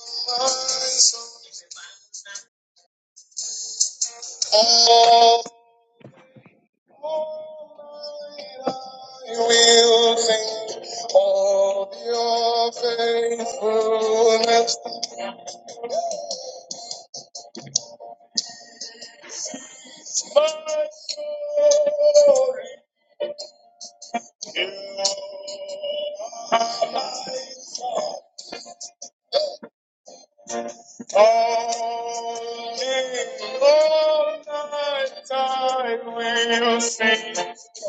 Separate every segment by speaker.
Speaker 1: All I will sing of your faithfulness, my story. Only all night I will sing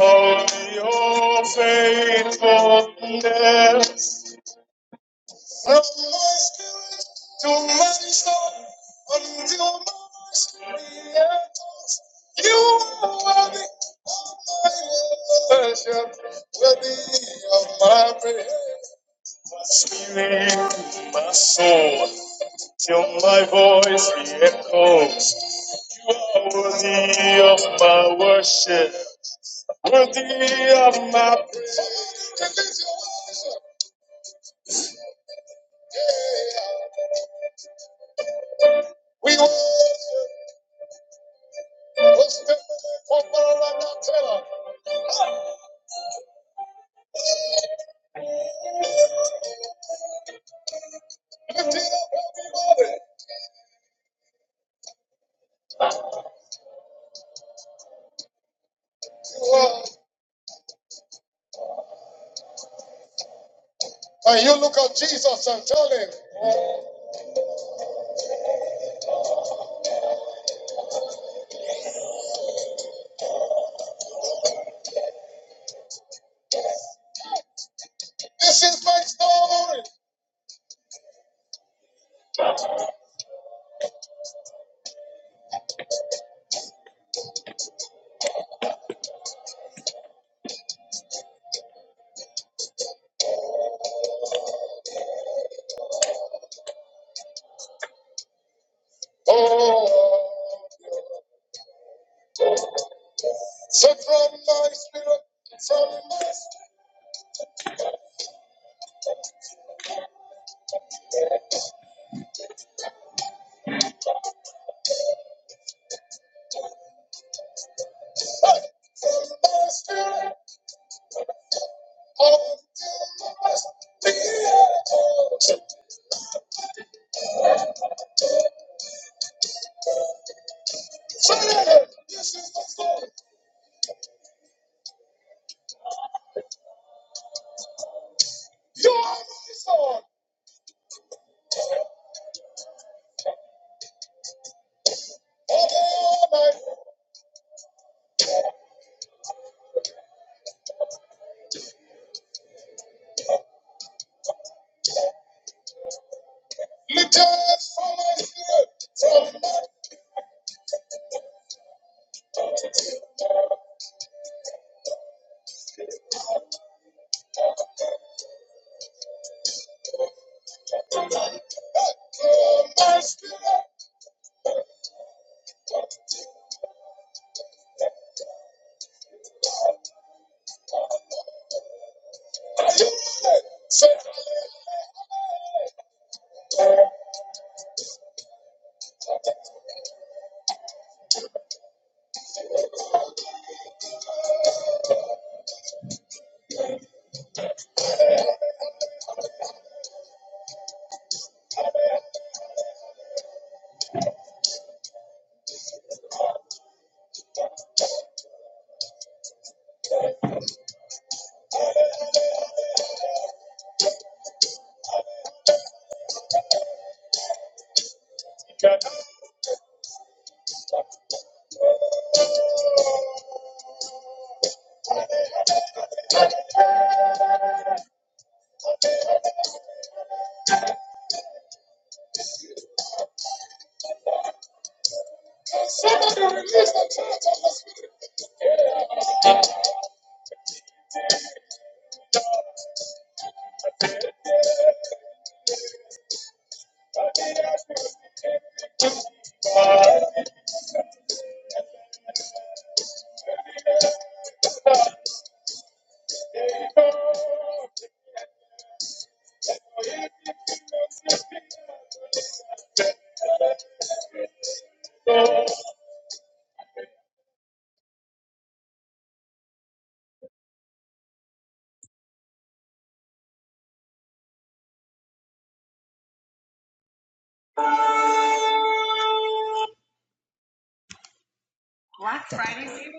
Speaker 1: of your faithfulness. From my spirit to my soul, until my spirit, you are worthy. My worship worthy of my praise. Spirit, to my soul, till my voice re-echoes. You are worthy of my worship, worthy of my praise. We worship. Hosanna, Hosanna, Hosanna. Well, And you look at Jesus and tell him, This is my story. Oh, so from my spirit, from my, my spirit, oh, spirit, this is my story. You are my story. Oh, my little from my spirit, from my, my spirit. Yeah.
Speaker 2: Black Friday sale?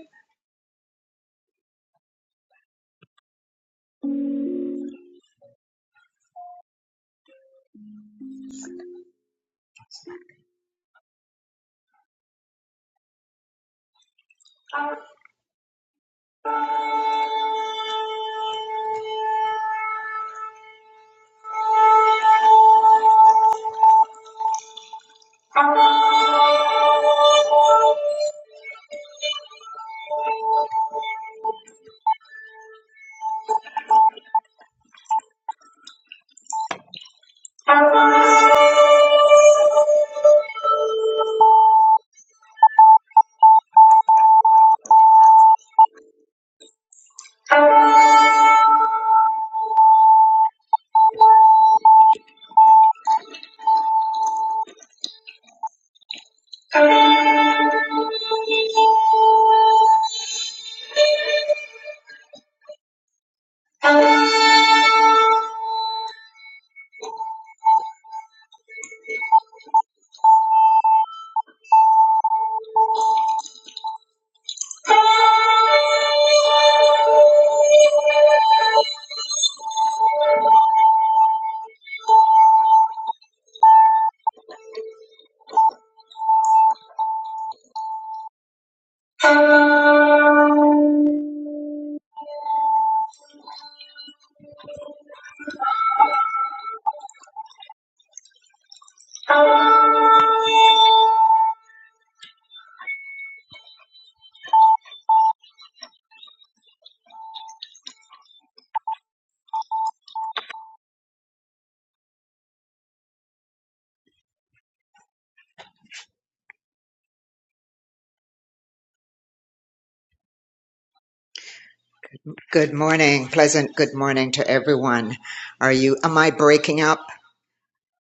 Speaker 2: Good morning. Pleasant good morning to everyone. Are you, am I breaking up?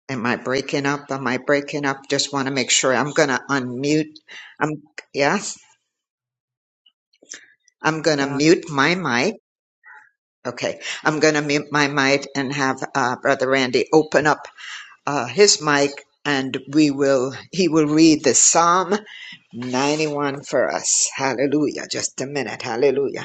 Speaker 2: Am I breaking up? Am I breaking up? Just want to make sure I'm going to unmute. I'm, yes, I'm going to
Speaker 3: now,
Speaker 2: mute my mic. Okay. I'm going to mute my mic and have uh, Brother Randy open up uh, his mic and we will, he will read the Psalm 91 for us. Hallelujah. Just a minute. Hallelujah.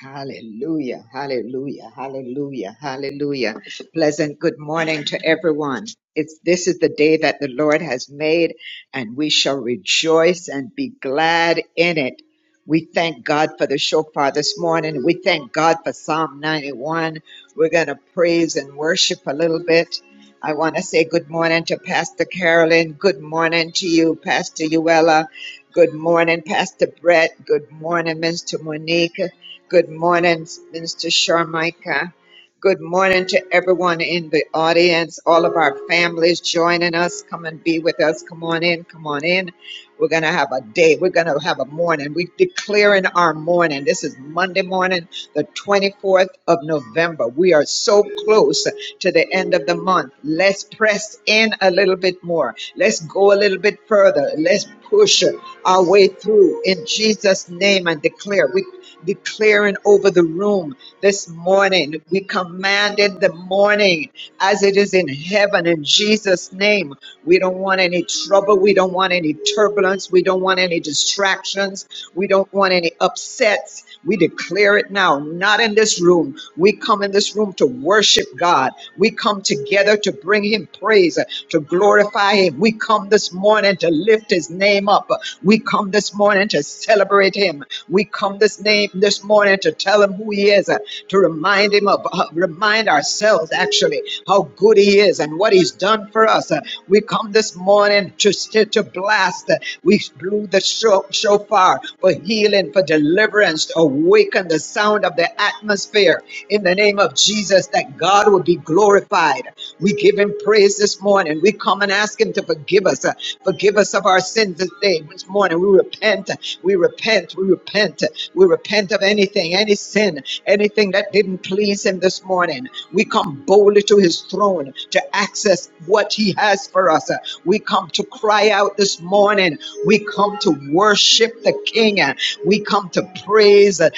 Speaker 4: Hallelujah, hallelujah, hallelujah, hallelujah. Pleasant good morning to everyone. It's, this is the day that the Lord has made, and we shall rejoice and be glad in it. We thank God for the shofar this morning. We thank God for Psalm 91. We're going to praise and worship a little bit. I want to say good morning to Pastor Carolyn. Good morning to you, Pastor Uella. Good morning, Pastor Brett. Good morning, Mr. Monique. Good morning, Minister Sharmika. Good morning to everyone in the audience, all of our families joining us. Come and be with us. Come on in. Come on in. We're going to have a day. We're going to have a morning. We're declaring our morning. This is Monday morning, the 24th of November. We are so close to the end of the month. Let's press in a little bit more. Let's go a little bit further. Let's push our way through in Jesus' name and declare. we declaring over the room this morning. We commanded the morning as it is in heaven in Jesus' name. We don't want any trouble. We don't want any turbulence. We don't want any distractions. We don't want any upsets. We declare it now, not in this room. We come in this room to worship God. We come together to bring Him praise, to glorify Him. We come this morning to lift His name up. We come this morning to celebrate Him him. We come this name this morning to tell him who he is, uh, to remind him of, uh, remind ourselves actually how good he is and what he's done for us. Uh, We come this morning to st- to blast. uh, We blew the sho- shofar for healing, for deliverance, to awaken the sound of the atmosphere in the name of Jesus, that God would be glorified. We give him praise this morning. We come and ask him to forgive us. uh, Forgive us of our sins this day, this morning. we repent. We repent. We repent. We repent of anything, any sin, anything that didn't please him this morning. We come boldly to his throne to access what he has for us. We come to cry out this morning. We come to worship the King. We come to praise the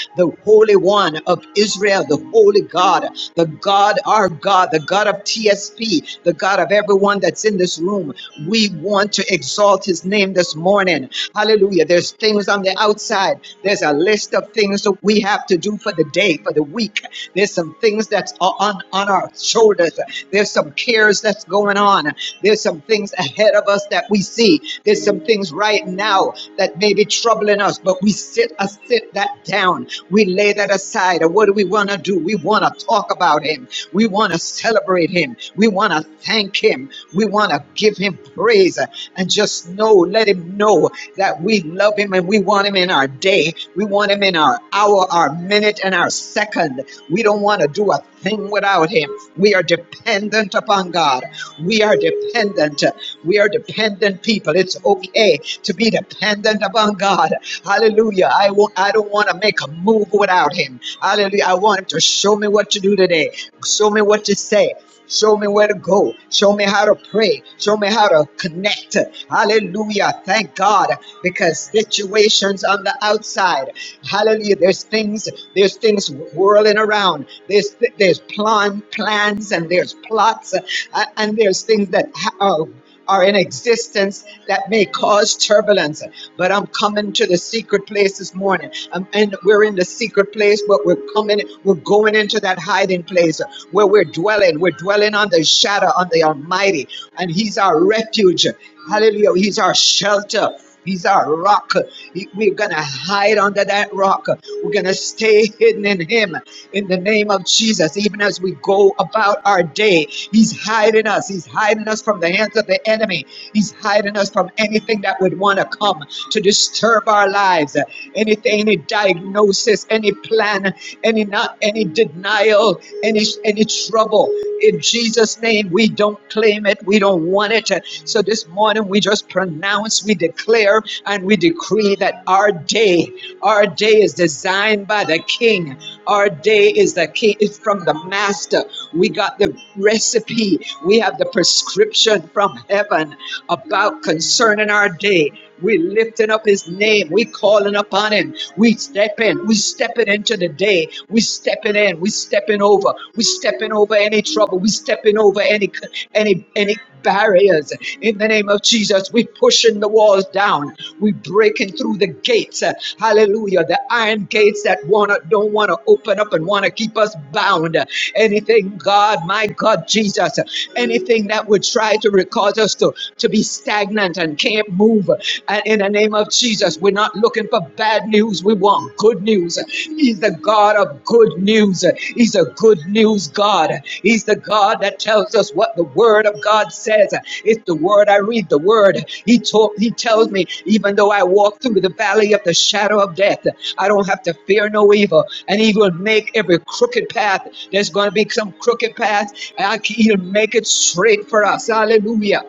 Speaker 4: Holy One of Israel, the Holy God, the God, our God, the God of TSP, the God of everyone that's in this room. We want to exalt his name this this morning. Hallelujah. There's things on the outside. There's a list of things that we have to do for the day, for the week. There's some things that's o- on, on our shoulders. There's some cares that's going on. There's some things ahead of us that we see. There's some things right now that may be troubling us, but we sit uh, sit that down. We lay that aside. And what do we want to do? We want to talk about him. We want to celebrate him. We want to thank him. We want to give him praise and just know, let him know that we love him and we want him in our day. We want him in our hour, our minute, and our second. We don't want to do a thing without him. We are dependent upon God. We are dependent. We are dependent people. It's okay to be dependent upon God. Hallelujah. I won't, I don't want to make a move without him. Hallelujah. I want him to show me what to do today. Show me what to say. Show me where to go. Show me how to pray. Show me how to connect. Hallelujah. Thank God. Because situations on the outside, hallelujah, there's things, there's things whirling around. There's there's plan, plans and there's plots uh, and there's things that ha- are are in existence that may cause turbulence. But I'm coming to the secret place this morning. Um, and we're in the secret place, but we're coming, we're going into that hiding place where we're dwelling. We're dwelling on the shadow, on the Almighty, and He's our refuge. Hallelujah. He's our shelter. He's our rock. He- We're going to hide under that rock. We're going to stay hidden in Him in the name of Jesus. Even as we go about our day, He's hiding us. He's hiding us from the hands of the enemy. He's hiding us from anything that would want to come to disturb our lives. Anything, any diagnosis, any plan, any not, any denial, any any trouble. In Jesus' name, we don't claim it, we don't want it. So this morning, we just pronounce, we declare, and we decree that our day our day is designed by the King. Our day is the King. It's from the Master. We got the recipe. We have the prescription from heaven about concerning our day. We lifting up His name. We calling upon Him. We stepping. We stepping into the day. We stepping in. We stepping over. We stepping over any trouble. We stepping over any any any barriers. In the name of Jesus, we pushing the walls down. We breaking through the gates. Hallelujah. The iron gates that wanna don't want to open up and want to keep us bound. Anything, God, my God, Jesus, anything that would try to re- cause us to, to be stagnant and can't move. And in the name of Jesus, we're not looking for bad news. We want good news. He's the God of good news. He's a good news God. He's the God that tells us what the Word of God says. It's the Word I read. The Word He told. He tells me, even though I walk through the valley of the shadow of death, I don't have to fear no evil. And He will make every crooked path. There's going to be some crooked path. and I can- He'll make it straight for us. Hallelujah.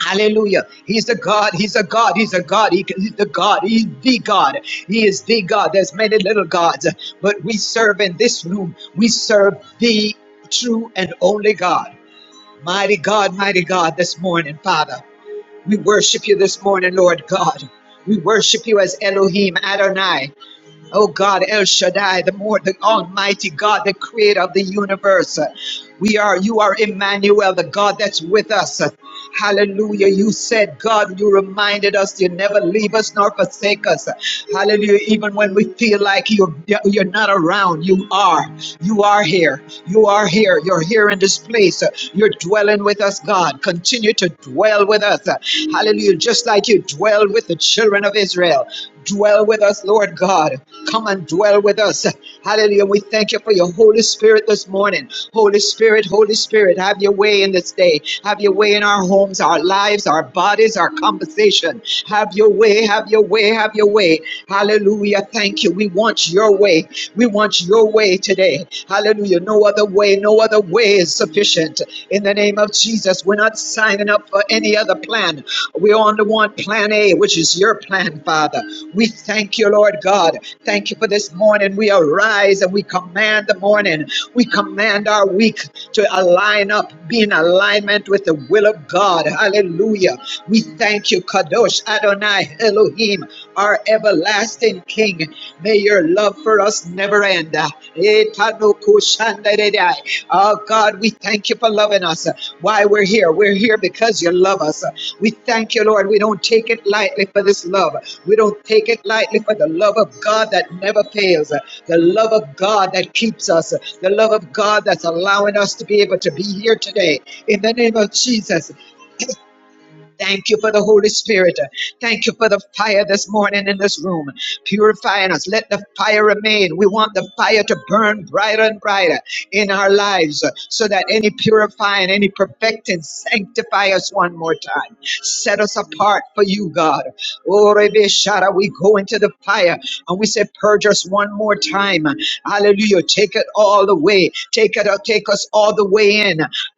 Speaker 4: Hallelujah. He's a God. He's a God. He's a God. He- he's the God. He's the God. He is the God. There's many little gods, but we serve in this room. We serve the true and only God. Mighty God, mighty God, this morning, Father. We worship you this morning, Lord God. We worship you as Elohim Adonai. Oh God, El Shaddai, the more the Almighty God, the creator of the universe. We are, you are Emmanuel, the God that's with us. Hallelujah. You said, God, you reminded us you never leave us nor forsake us. Hallelujah. Even when we feel like you're, you're not around, you are. You are here. You are here. You're here in this place. You're dwelling with us, God. Continue to dwell with us. Hallelujah. Just like you dwelled with the children of Israel. Dwell with us, Lord God. Come and dwell with us. Hallelujah. We thank you for your Holy Spirit this morning. Holy Spirit, Holy Spirit, have your way in this day. Have your way in our homes, our lives, our bodies, our conversation. Have your way, have your way, have your way. Hallelujah. Thank you. We want your way. We want your way today. Hallelujah. No other way, no other way is sufficient. In the name of Jesus, we're not signing up for any other plan. We're on the one plan A, which is your plan, Father. We thank you, Lord God. Thank you for this morning. We arise and we command the morning. We command our week to align up, be in alignment with the will of God. Hallelujah. We thank you, Kadosh Adonai Elohim our everlasting King. May your love for us never end. Etanokushandere. Oh God, we thank you for loving us. Why we're here? We're here because you love us. We thank you, Lord. We don't take it lightly for this love. We don't take it lightly for the love of God that never fails, the love of God that keeps us, the love of God that's allowing us to be able to be here today. In the name of Jesus, Thank you for the Holy Spirit. Thank you for the fire this morning in this room, purifying us. Let the fire remain. We want the fire to burn brighter and brighter in our lives so that any purifying, any perfecting, sanctify us one more time. Set us apart for you, God. Oh, Rebbe Shara, we go into the fire and we say, Purge us one more time. Hallelujah. Take it all the way. Take it, take us all the way in.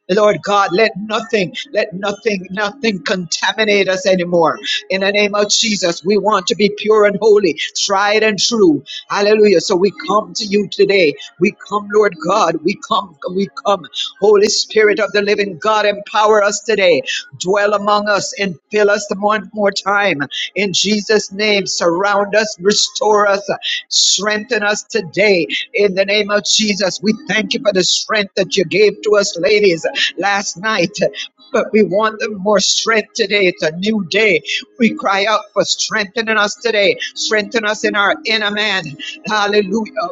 Speaker 4: Lord God, let nothing, let nothing, nothing contaminate us anymore. In the name of Jesus, we want to be pure and holy, tried and true. Hallelujah. So we come to you today. We come, Lord God. We come, we come. Holy Spirit of the living God, empower us today. Dwell among us and fill us one more time. In Jesus' name, surround us, restore us, strengthen us today. In the name of Jesus, we thank you for the strength that you gave to us, ladies last night. But we want them more strength today. It's a new day. We cry out for strengthening us today. Strengthen us in our inner man. Hallelujah.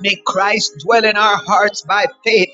Speaker 4: May Christ dwell in our hearts by faith.